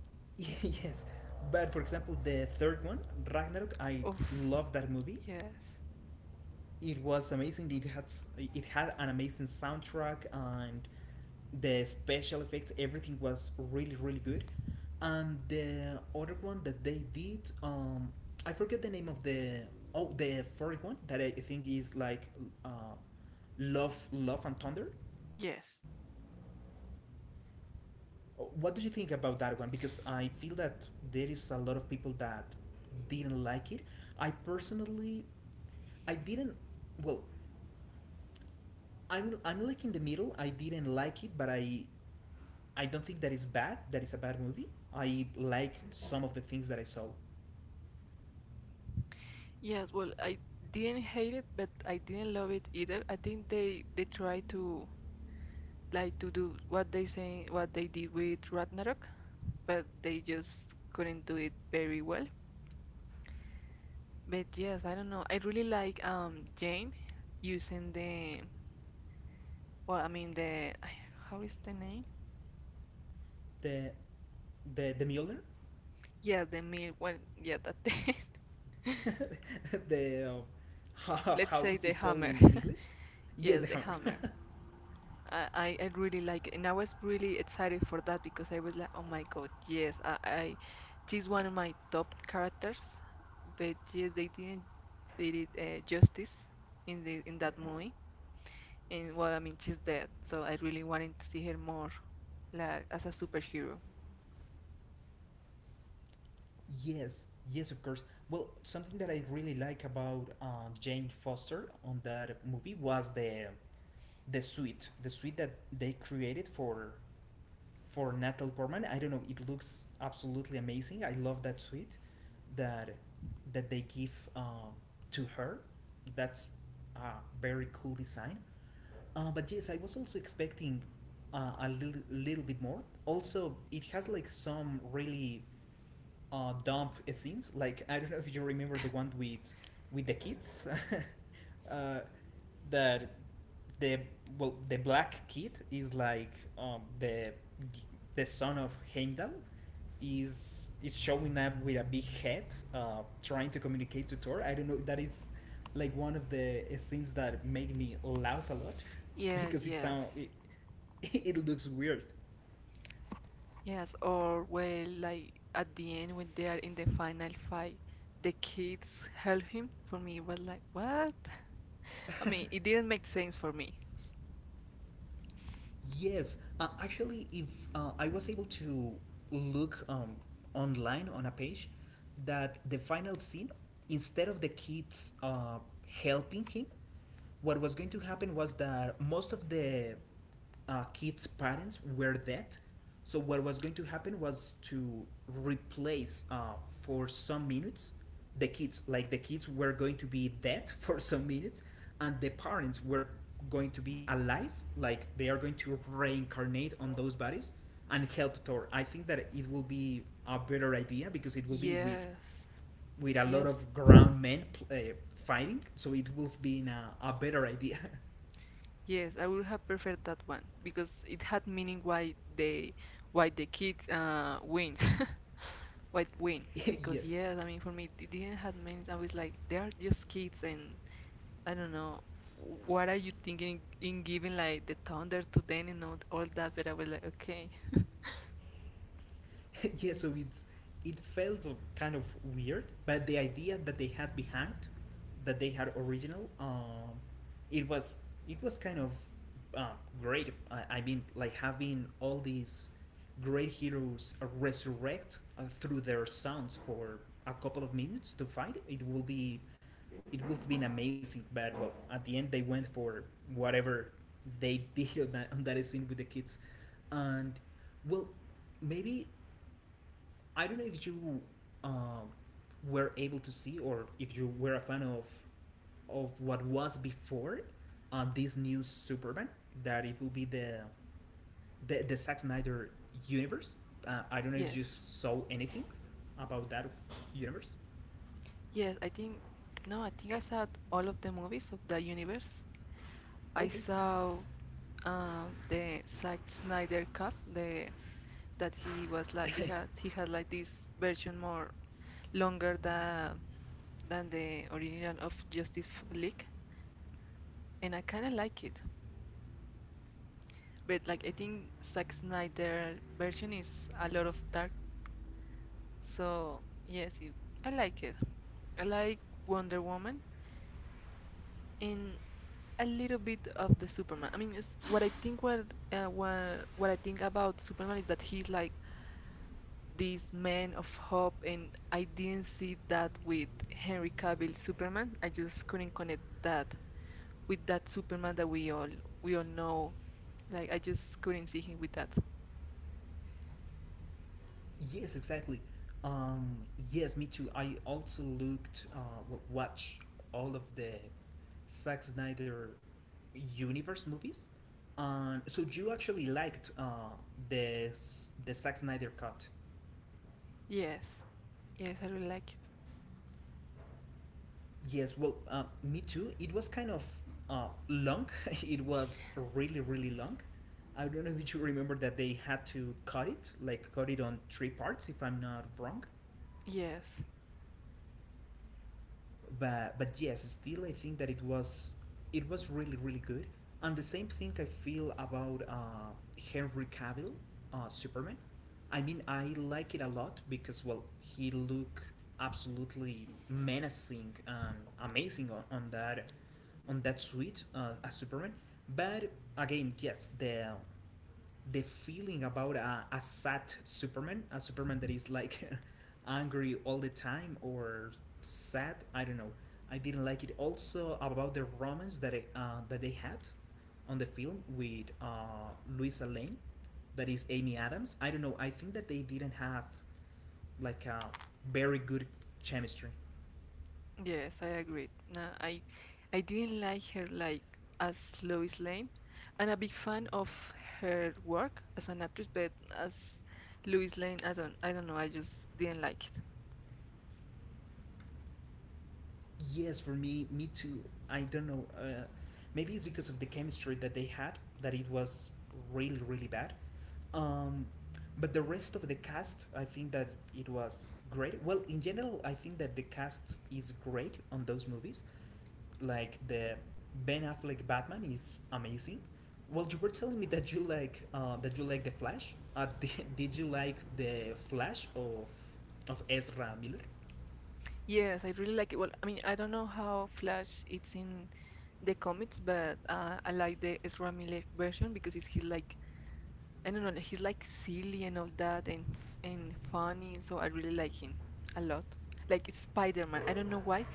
Speaker 1: (laughs) Yes, but for example, the third one, Ragnarok, I
Speaker 2: Oh.
Speaker 1: love that movie.
Speaker 2: Yes.
Speaker 1: It was amazing. It had it had an amazing soundtrack and the special effects everything was really really good and the other one that they did I forget the name of the oh the fourth one that I think is like uh love love and thunder
Speaker 2: Yes.
Speaker 1: what do you think about that one because I feel that there is a lot of people that didn't like it I personally I didn't well i'm like in the middle I didn't like it but I don't think that is bad. That is a bad movie. I like some of the things that I saw.
Speaker 2: Yes, well, I didn't hate it, but I didn't love it either. I think they try to like to do what they say what they did with Ragnarok, but they just couldn't do it very well. But yes, I don't know. I really like Jane using the well, I mean the (sighs) how is the name?
Speaker 1: The the Mjolnir,
Speaker 2: Yeah, the mill. Well, yeah, that.
Speaker 1: (laughs) the
Speaker 2: (laughs)
Speaker 1: how,
Speaker 2: Let's
Speaker 1: how
Speaker 2: say
Speaker 1: is
Speaker 2: the
Speaker 1: it called
Speaker 2: hammer.
Speaker 1: in English?
Speaker 2: (laughs)
Speaker 1: Yes, the
Speaker 2: Yes, the
Speaker 1: hammer.
Speaker 2: hammer. I really like it, and I was really excited for that because I was like, oh my god, yes, I she's one of my top characters, but yes, they didn't did it justice in the in that movie, and well, I mean, she's dead, so I really wanted to see her more, like as a superhero.
Speaker 1: (laughs) Yes, yes, of course. Well, something that I really like about Jane Foster on that movie was the suite, the suite that they created for Natalie Portman, I don't know. It looks absolutely amazing. I love that suite that that they give to her. That's a very cool design. But yes, I was also expecting a little bit more. Also, it has like some really dumb scenes. Like I don't know if you remember the one with the kids (laughs) uh, that the well the black kid is like um, the the son of Heimdall is showing up with a big head, trying to communicate to Thor. I don't know. That is like one of the scenes that make me laugh a lot (laughs)
Speaker 2: Yes,
Speaker 1: because it
Speaker 2: yes,
Speaker 1: sound it, (laughs) it looks weird.
Speaker 2: yes. Or well, like at the end when they are in the final fight, the kids help him. For me, it was like, what? I mean, it didn't make sense for me.
Speaker 1: Yes, actually, if I was able to look online on a page that the final scene, instead of the kids helping him, what was going to happen was that most of the kids' parents were dead. So what was going to happen was to replace for some minutes the kids, like the kids were going to be dead (laughs) for some minutes, and the parents were going to be alive, like they are going to reincarnate on those bodies and help Thor. I think that it will be a better idea because it will be
Speaker 2: Yes,
Speaker 1: with a lot
Speaker 2: yes,
Speaker 1: of ground men fighting, so it will be a better idea.
Speaker 2: yes. I would have preferred that one because it had meaning why they why the kids wins. (laughs) Why win?
Speaker 1: (laughs)
Speaker 2: Because
Speaker 1: Yes.
Speaker 2: yes, I mean for me it didn't have meaning. I was like they are just kids and I don't know what are you thinking in giving like the thunder to them and all that. But I was like okay,
Speaker 1: (laughs) Yeah, so it's it felt kind of weird, but the idea that they had behind, that they had original, it was it was kind of uh, great. I mean, like having all these great heroes resurrect through their sounds for a couple of minutes to fight it will be it would have been amazing but well at the end they went for whatever they (laughs) did on that scene with the kids and well maybe I don't know if you uh, were able to see or if you were a fan of what was before this new Superman that it will be the the Zack Snyder universe. I don't know if
Speaker 2: yes,
Speaker 1: you saw anything about that universe.
Speaker 2: yes. I think no, I think I saw all of the movies of the universe. I
Speaker 1: Okay.
Speaker 2: saw the Zack Snyder Cut, the that he was like he had like this version more longer than the original of Justice League, and I kind of like it. But like I think Zack Snyder version is a lot of dark, so yes, it. I like Wonder Woman and a little bit of the Superman. I mean, it's what I think about Superman is that he's like this man of hope, and I didn't see that with Henry Cavill Superman. I just couldn't connect that with that Superman that we all know. Like I just couldn't see him with that.
Speaker 1: Yes, exactly. Um, yes, me too. I also looked, watched all of the Zack Snyder universe movies. So you actually liked the the Zack Snyder cut?
Speaker 2: Yes, yes, I really like it.
Speaker 1: Yes. Well, me too. It was kind of long. (laughs) It was really really long. I don't know if you remember that they had to cut it, like cut it on three parts, if I'm not wrong.
Speaker 2: Yes,
Speaker 1: But yes, still I think that it was really really good. And the same thing I feel about Henry Cavill, Superman. I mean, I like it a lot because, well, he look absolutely menacing and amazing on that suit, as Superman. But again, yes, the feeling about a sad Superman, a Superman that is like (laughs) angry all the time or sad, I don't know. I didn't like it. Also about the romance that it, that they had on the film with Louisa Lane that is Amy Adams. I don't know. I think that they didn't have like a very good chemistry.
Speaker 2: yes, I agree. No, I didn't like her like as Lois Lane. I'm a big fan of her work as an actress, but as Lois Lane, I don't know. I just didn't like it.
Speaker 1: Yes, for me, me too. I don't know. Maybe it's because of the chemistry that they had that it was really really bad. Um, but the rest of the cast, I think that it was great. Well, in general, I think that the cast is great on those movies. Like the Ben Affleck Batman is amazing. Well, you were telling me that you like the Flash. (laughs) Did you like the Flash of Ezra Miller?
Speaker 2: Yes, I really like it. Well, I mean, I don't know how Flash it's in the comics, but I like the Ezra Miller version because it's he's like I don't know, he's like silly and all that and funny, so I really like him a lot. Like it's Spider-Man. I don't know why.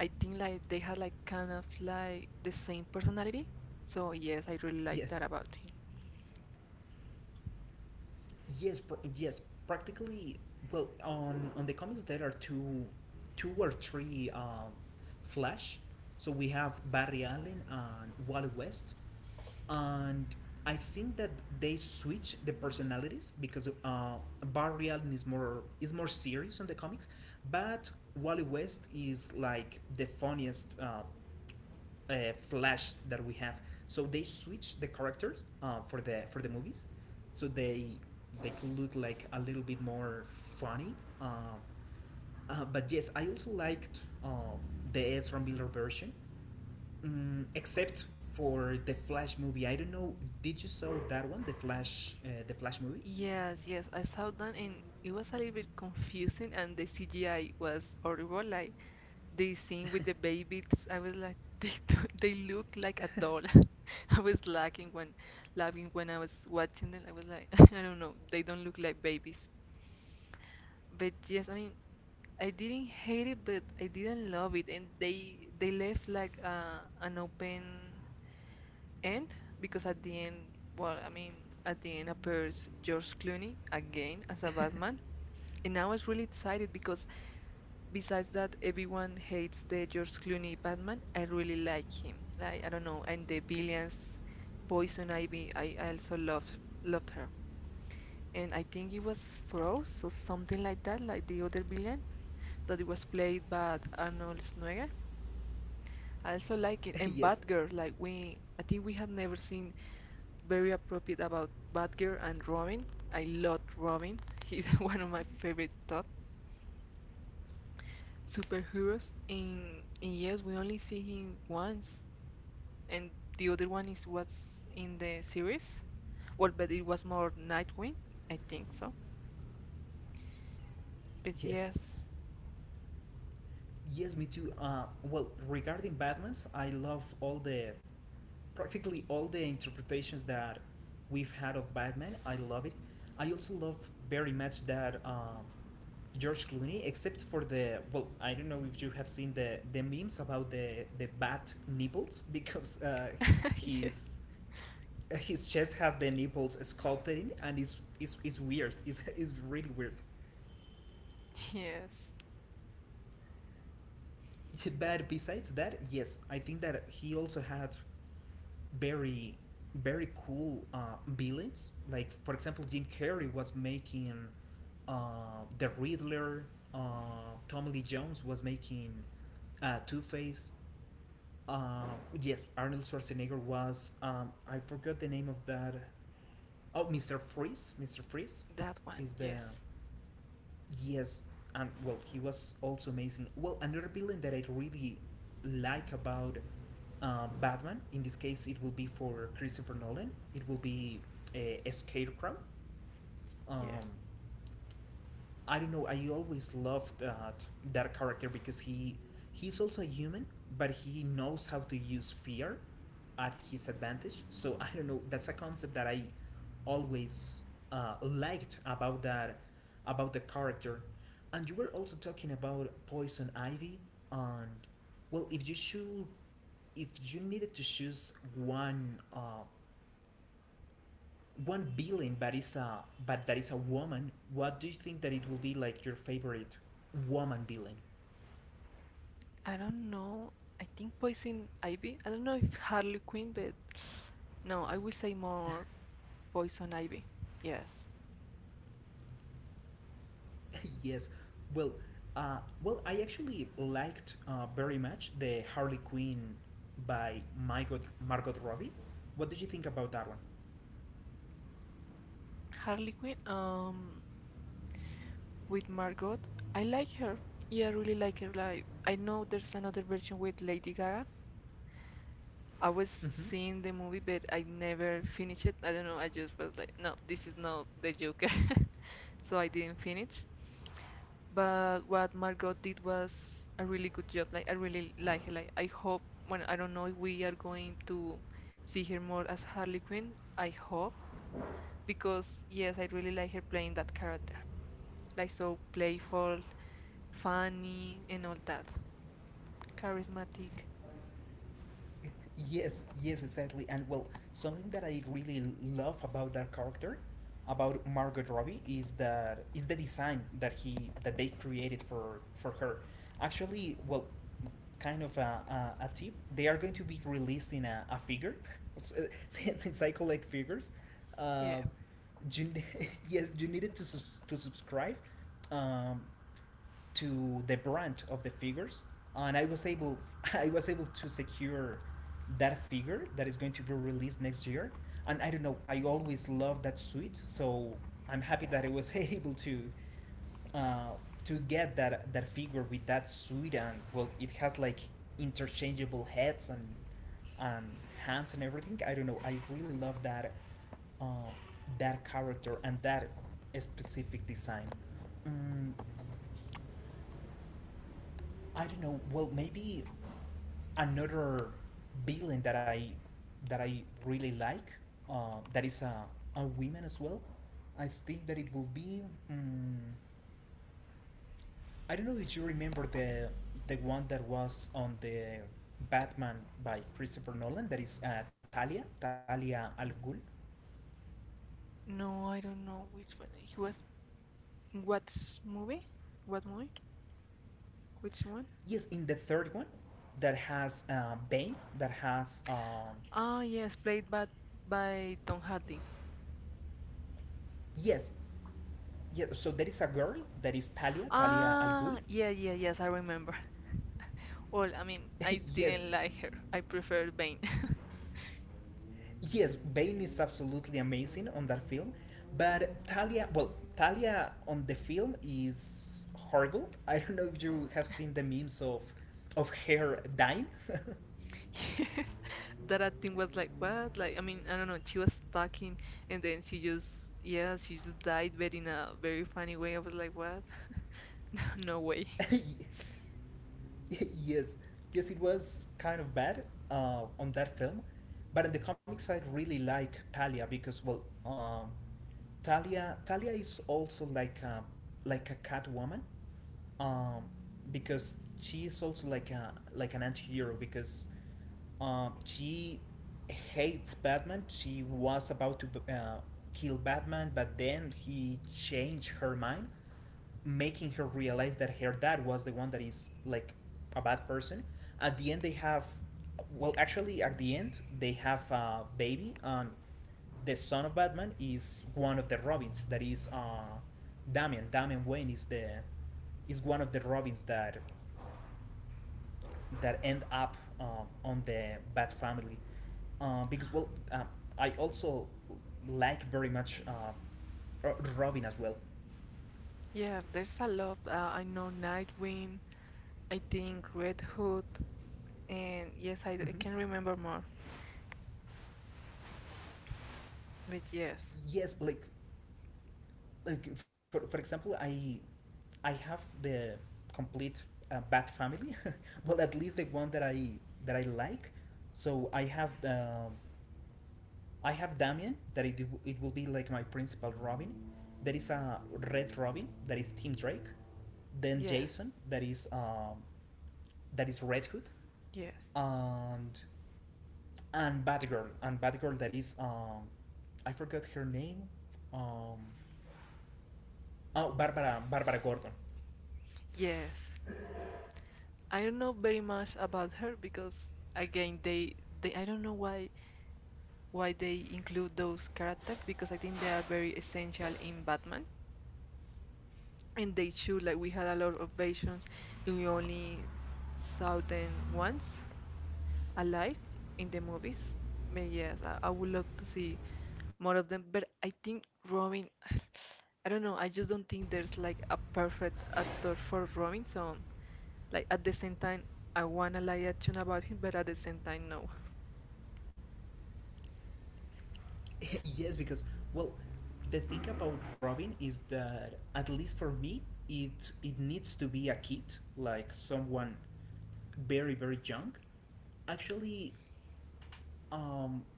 Speaker 2: I think like they had like kind of like the same personality. So yes, I really like
Speaker 1: Yes,
Speaker 2: that about him.
Speaker 1: yes, yes. Practically, well, on the comics there are two, two or three Flash. So we have Barry Allen and Wally West. And I think that they switch the personalities because Barry Allen is more serious on the comics, but Wally West is like the funniest Flash that we have. So they switch the characters for the movies, so they could look like a little bit more funny. Uh, but yes, I also liked the Ezra Miller version. Mm, except for the Flash movie, I don't know. Did you saw that one, the Flash movie?
Speaker 2: Yes, yes, I saw that and it was a little bit confusing and the CGI was horrible. Like the scene with the babies, I was like, (laughs) they do, they look like a doll. (laughs) I was laughing when I was watching them. I was like, (laughs) I don't know, they don't look like babies. But yes, I mean, I didn't hate it, but I didn't love it, and they left like an open end because at the end, well, I mean, at the end appears George Clooney again as a Batman, and I was really excited because besides that, everyone hates the George Clooney Batman. I really like him. Like I don't know, and the villains, Poison Ivy. I also loved her, and I think it was Frost or something like that, like the other villain that it was played by Arnold Schwarzenegger. I also like it.
Speaker 1: (laughs)
Speaker 2: And
Speaker 1: Yes,
Speaker 2: Batgirl, like we, I think we have never seen very appropriate about Batgirl and Robin. I love Robin. He's (laughs) one of my favorite thought superheroes. And yes, we only see him once, and the other one is what's in the series. Well, but it was more Nightwing, I think so. But
Speaker 1: yes,
Speaker 2: yes.
Speaker 1: yes. Me too. Well, regarding Batman's, I love all the practically all the interpretations that we've had of Batman. I love it. I also love very much that George Clooney, except for the well, I don't know if you have seen the memes about the bat nipples (laughs) because
Speaker 2: (laughs) Yes,
Speaker 1: he's his chest has the nipples sculpted in, and it's weird. It's really weird.
Speaker 2: yes,
Speaker 1: But besides that, yes, I think that he also had very very cool villains. Like for example, Jim Carrey was making the Riddler. Tom Lee Jones was making Two Face. Uh, yes, Arnold Schwarzenegger was. I forgot the name of that. Oh, Mr. Freeze. Mr. Freeze
Speaker 2: that one,
Speaker 1: is the
Speaker 2: yes,
Speaker 1: Yes, and well, he was also amazing. Well, another villain that I really like about Batman, in this case, it will be for Christopher Nolan. It will be a Scarecrow.
Speaker 2: yes.
Speaker 1: Um, I don't know. I always loved that character because he he's also a human, but he knows how to use fear at his advantage. So I don't know. That's a concept that I always liked about that about the character. And you were also talking about Poison Ivy, and well, if you should, if you needed to choose one, one villain, but is a but that is a woman. What do you think that it will be like your favorite woman villain?
Speaker 2: I don't know. I think Poison Ivy. I don't know if Harley Quinn, but no, I will say more Poison Ivy. Yes.
Speaker 1: (laughs) Yes. Well, well, I actually liked very much the Harley Quinn by Margot Robbie. What did you think about that one?
Speaker 2: Harley Quinn. With Margot, I like her. Yeah, I really like her. Like I know there's another version with Lady Gaga, I was
Speaker 1: hmm
Speaker 2: seeing the movie, but I never finished it. I don't know. I just was like, no, this is not the Joker, (laughs) so I didn't finish. But what Margot did was a really good job. Like I really like her. Like I hope. Well, I don't know if we are going to see her more as Harley Quinn. I hope because yes, I really like her playing that character. Like so playful, funny, and all that. Charismatic.
Speaker 1: Yes, yes, exactly. And well, something that I really love about that character, about Margot Robbie, is that is the design that he that they created for her. Actually, well, kind of a tip. They are going to be releasing a figure. (laughs) Since I collect figures,
Speaker 2: Yeah.
Speaker 1: uh, you, (laughs) yes, you needed to subscribe. Um, to the brand of the figures, and I was able (laughs) I was able to secure that figure that is going to be released next year. And I don't know, I always love that suit, so I'm happy that I was (laughs) able uh, to get that figure with that suit. And well, it has like interchangeable heads and and hands and everything. I don't know, I really love uh, that character and that specific design. Mm, I don't know. Well, maybe another villain that I really like that is a woman as well. I think that it will be. mm I don't know if you remember the one that was on the Batman by Christopher Nolan. That is Talia Al Ghul.
Speaker 2: No, I don't know which one. He was What's movie? What movie? Which one?
Speaker 1: Yes, in the third one, that has Bane. That has
Speaker 2: Ah, yes, played by Tom Hardy.
Speaker 1: yes, yeah. So there is a girl that is Talia Al Ghul.
Speaker 2: Ah, yeah, yeah, yes, I remember. Well, I mean, I
Speaker 1: (laughs) yes,
Speaker 2: didn't like her. I preferred Bane. (laughs)
Speaker 1: yes, Bane is absolutely amazing on that film, but Talia, well, Talia on the film is horrible. (laughs) I don't know if you have seen the memes of her dying. (laughs)
Speaker 2: Yes, that I think was like what? Like, I mean, I don't know. She was talking, and then she just, yeah, she just died, but in a very funny way. I was like, what? (laughs) No way.
Speaker 1: Y- yes, yes, it was kind of bad on that film, but in the comics I really like Talia because Talia is also like a cat woman, um, because she is also like a like an anti-hero because she hates Batman. She was about to uh, kill Batman, but then he changed her mind making her realize that her dad was the one that is like a bad person. At the end, they have, at the end, they have a baby, and the son of Batman is one of the Robins. That is, Damian. Damian Wayne is is one of the Robins that end up on the Bat family, because I also like very much Robin as well.
Speaker 2: Yeah, there's a lot. I know Nightwing. I think Red Hood, and yes, I can
Speaker 1: (laughs)
Speaker 2: remember more. But yes.
Speaker 1: Yes, like for example, I have the complete Bat family, (laughs) well at least the one that I like. So I have the I have Damien that it will be like my principal Robin. There is a Red Robin that is Tim Drake, then
Speaker 2: Yeah,
Speaker 1: Jason that is Red Hood,
Speaker 2: yes,
Speaker 1: and Batgirl and Batgirl that is I forgot her name, um oh, Barbara Gordon.
Speaker 2: yes. I don't know very much about her because again they I don't know why they include those characters because I think they are very essential in Batman and they should like we had a lot of versions and we only saw them once alive in the movies. But yes, I would love to see more of them. But I think Robin (sighs) I don't know, I just don't think there's like a perfect actor for Robin, so like at the same time, I wanna like a tune about him, but at the same time, no.
Speaker 1: (laughs) yes, because well, the thing about Robin is that at least for me, it needs to be a kid, like someone very young. Actually, um,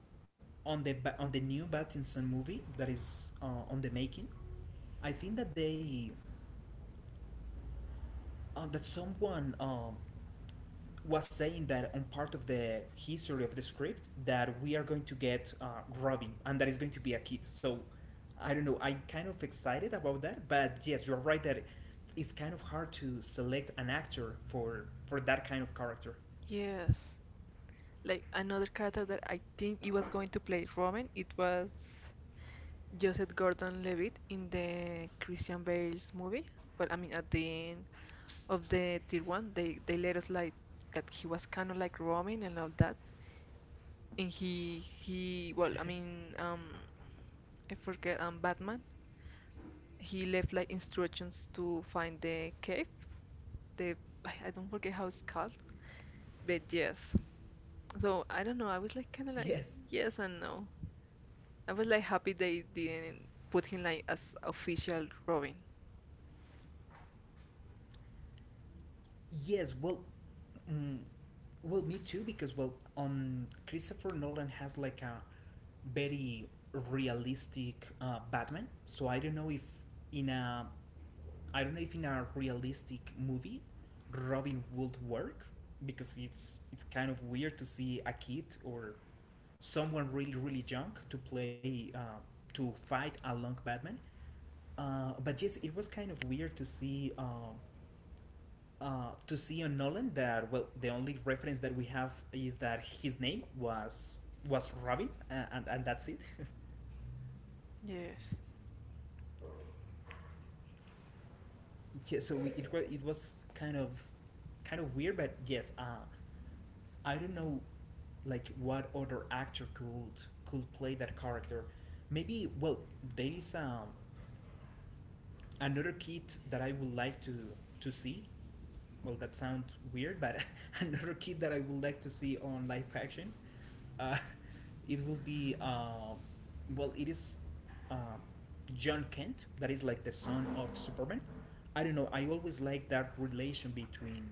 Speaker 1: on the on the new Pattinson movie that is on the making, I think that they that someone was saying that on part of the history of the script that we are going to get Robin and that is going to be a kid. So I don't know. I'm kind of excited about that, but yes, you are right that it's kind of hard to select an actor for that kind of character.
Speaker 2: Yes. Like another character that I think he was going to play Roman, it was Joseph Gordon-Levitt in the Christian Bale's movie. Well, I mean, at the end of the tier one, they let us like that he was kind of like Roman and all that. And he well, I mean, I forget Batman. He left like instructions to find the cave. The I don't forget how it's called, but yes. So I don't know. I was like kind of like
Speaker 1: Yes,
Speaker 2: yes and no. I was like happy they didn't put him like as official Robin.
Speaker 1: yes. Well, mm, me too. Because well, on Christopher Nolan has like a very realistic Batman. So in a I don't know if in a realistic movie, Robin would work because it's kind of weird to see a kid or someone really young to play to fight along Batman. But yes, it was kind of weird to see on Nolan that well the only reference that we have is that his name was Robin, and that's it. (laughs)
Speaker 2: Yes.
Speaker 1: yeah, so it was kind of weird, but yes, I don't know, like what other actor could play that character. Maybe well, there is another kid that I would like to see. Well, that sounds weird, but (laughs) another kid that I would like to see on live action. Uh, (laughs) it will be well, it is uh, John Kent that is like the son of Superman. I don't know. I always like that relation between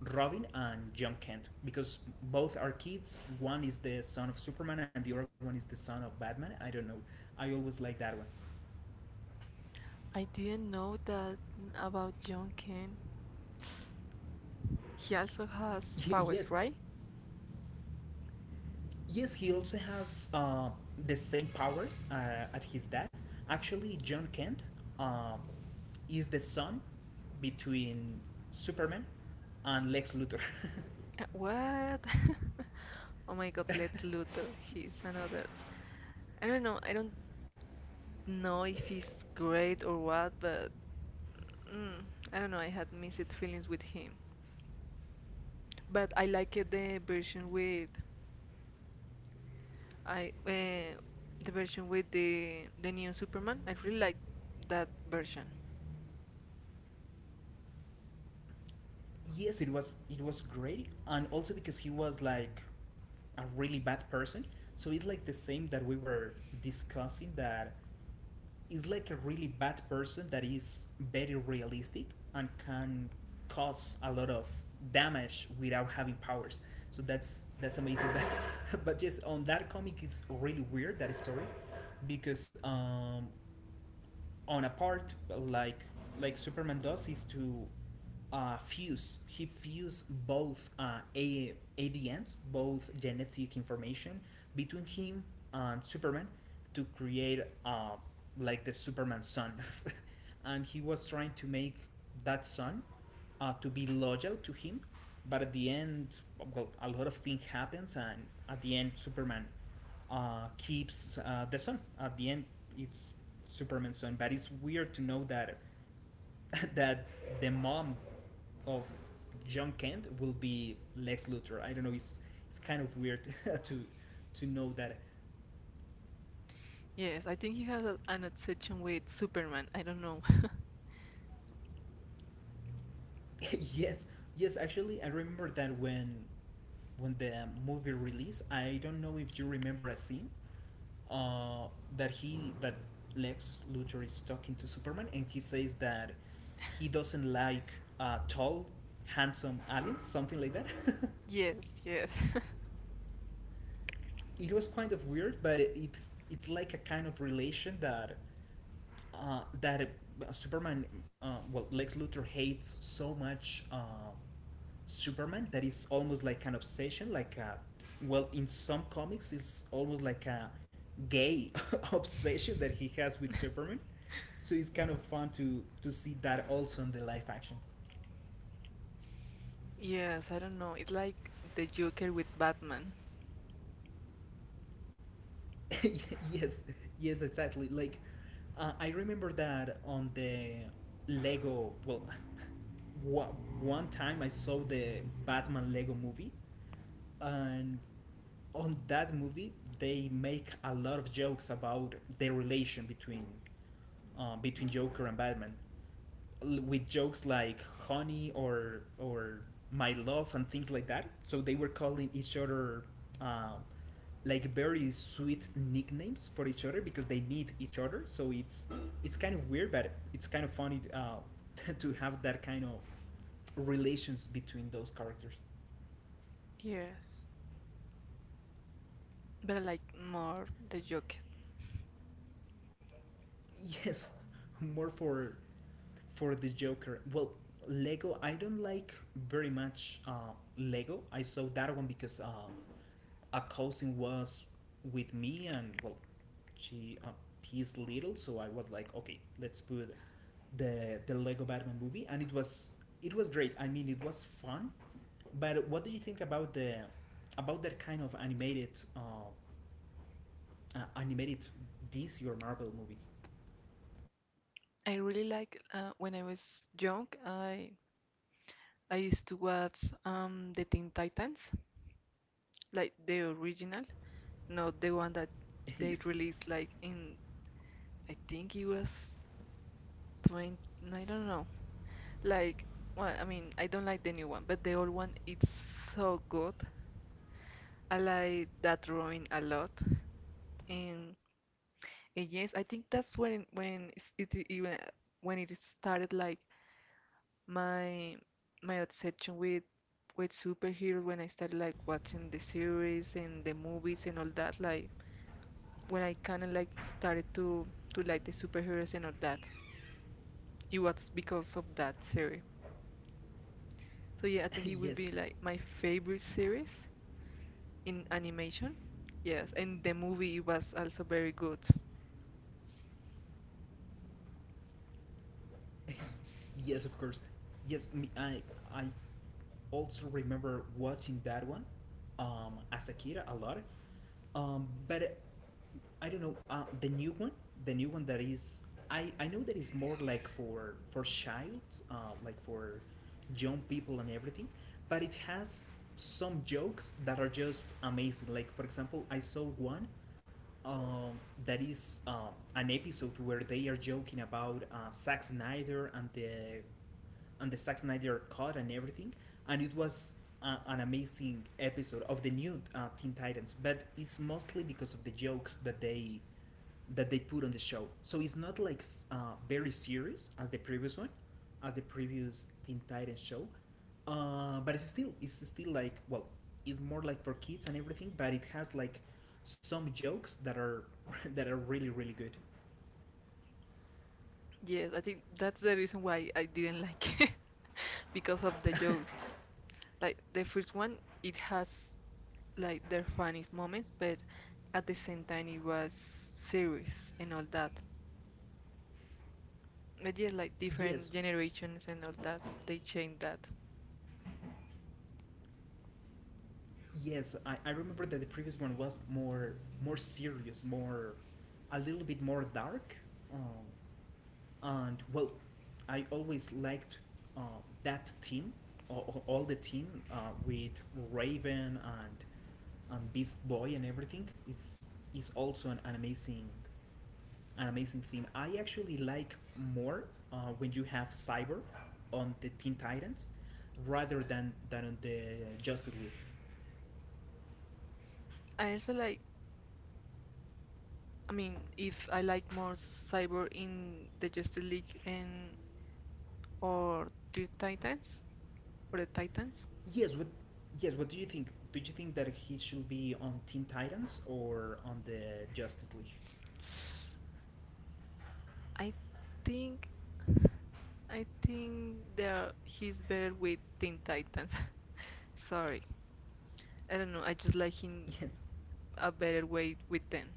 Speaker 1: Robin and John Kent because both are kids. One is the son of Superman and the other one is the son of Batman. I don't know. I always like that one.
Speaker 2: I didn't know that about John Kane. He also has
Speaker 1: (laughs) yes.
Speaker 2: powers, right?
Speaker 1: Yes, he also has the same powers at his dad. Actually, John Kent uh, is the son between Superman and Lex Luthor.
Speaker 2: What? (laughs) Oh my God, Lex Luthor. He's another. I don't know. I don't know if he's great or what, but mm, I don't know. I had mixed feelings with him. But I liked the version with I the version with the new Superman. I really like that version.
Speaker 1: (laughs) yes, it was great, and also because he was like a really bad person. So it's like the same that we were discussing that is like a really bad person that is very realistic and can cause a lot of damage without having powers. So that's amazing. (laughs) But just on that comic is really weird that story because on a part like Superman does is to fuse. He fused both ADNs, both genetic information, between him and Superman to create uh, like the Superman son. (laughs) And he was trying to make that son to be loyal to him. But at the end, well, a lot of things happens, and at the end, Superman keeps the son. At the end, it's Superman's son. But it's weird to know that (laughs) that the mom of John Kent will be Lex Luthor. I don't know. It's kind of weird (laughs) to to know that.
Speaker 2: Yes, I think he has a, an obsession with Superman. I don't know. (laughs)
Speaker 1: (laughs) yes, yes. Actually, I remember that when the movie released. I don't know if you remember a scene uh, that he that Lex Luthor is talking to Superman and he says that he doesn't like tall, handsome aliens, something like that.
Speaker 2: Yes, yes.
Speaker 1: (laughs) It was kind of weird, but it's like a kind of relation that well, Lex Luthor hates so much Superman that it's almost like an obsession. Like, well, in some comics, it's almost like a gay (laughs) obsession that he has with
Speaker 2: (laughs)
Speaker 1: Superman. So it's kind of fun to see that also in the live action.
Speaker 2: Yes, I don't know. It's like the Joker with Batman.
Speaker 1: (laughs) yes, yes, exactly. Like, I remember that on the Lego. Well, (laughs) wa- one time I saw the Batman Lego movie, and on that movie they make a lot of jokes about the relation between Joker and Batman, with jokes like honey or my love and things like that, so they were calling each other uh, like very sweet nicknames for each other because they need each other. So it's kind of weird but it's kind of funny, (laughs) to have that kind of relations between those characters.
Speaker 2: Yes, but I like more the Joker.
Speaker 1: Yes, more for the Joker. Well, Lego. I don't like very much Lego. I saw that one because a cousin was with me, and well, she he's little, so I was like, okay, let's put the Lego Batman movie, and it was great. I mean, it was fun. But what do you think about the about that kind of uh, animated DC or Marvel movies?
Speaker 2: I really like when I was young. I used to watch the Teen Titans, like the original, not the one that
Speaker 1: (laughs)
Speaker 2: they
Speaker 1: yes.
Speaker 2: released like in I think it was 20, I don't know. Like, well, I mean, I don't like the new one, but the old one, it's so good. I like that drawing a lot. And, and yes, I think that's when it even when it started like my my obsession with superheroes when I started like watching the series and the movies and all that, like when I kind of like started to like the superheroes and all that. It was because of that series. So yeah, I
Speaker 1: (laughs)
Speaker 2: think it will
Speaker 1: yes,
Speaker 2: be like my favorite series in animation. Yes, and the movie was also very good.
Speaker 1: (coughs) (laughs) yes, of course. Yes, me, I also remember watching that one as a kid a lot. But I don't know the new one. The new one that is I know that is more like for child, like for young people and everything. But it has some jokes that are just amazing. Like for example, I saw one, um, that is an episode where they are joking about Zack Snyder and the Zack Snyder cut and everything, and it was an amazing episode of the new Teen Titans. But it's mostly because of the jokes that they put on the show. So it's not like very serious as the previous one, as the previous Teen Titans show, but it's still like, well, it's more like for kids and everything, but it has like some jokes that are (laughs) that are really good.
Speaker 2: Yes, I think that's the reason why I didn't like (laughs) it because of the jokes. Like the first one, it has like their funniest moments, but at the same time it was serious and all that. But yeah, like
Speaker 1: Yes,
Speaker 2: different generations and all that, they changed that.
Speaker 1: I remember that the previous one was more serious, more a little bit more dark. Um, and well, I always liked uh, that team, all the team with Raven and Beast Boy and everything. It's is also an amazing theme. I actually like more when you have Cyber on the Teen Titans rather than on the Justice League.
Speaker 2: I also like, I mean, if I like more Cyborg in the Justice League and or the Titans or the Titans.
Speaker 1: Yes, what yes, what do you think? Do you think that he should be on Teen Titans or on the Justice League?
Speaker 2: I think I think there he's better with Teen Titans. (laughs) Sorry, I don't know. I just like him
Speaker 1: (laughs) Yes.
Speaker 2: a better way with them.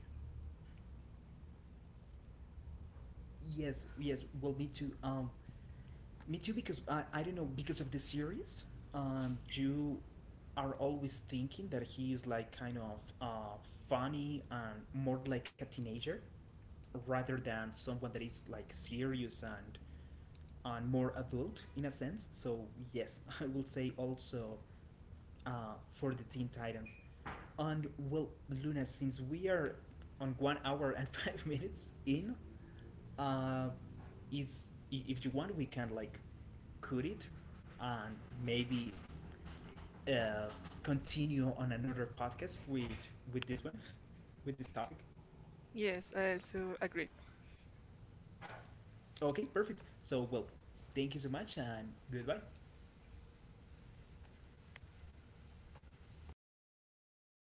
Speaker 1: Yes, yes. Well, me too because I don't know because of the series. You are always thinking that he is like kind of funny and more like a teenager rather than someone that is like serious and more adult in a sense. So yes, (laughs) I will say also for the Teen Titans. And well, Luna, since we are on 1 hour and (laughs) 5 minutes in, uh, is if you want, we can like cut it and maybe uh, continue on another podcast with this one, with this topic.
Speaker 2: Yes, I also agree.
Speaker 1: Okay, perfect. So well, thank you so much and goodbye.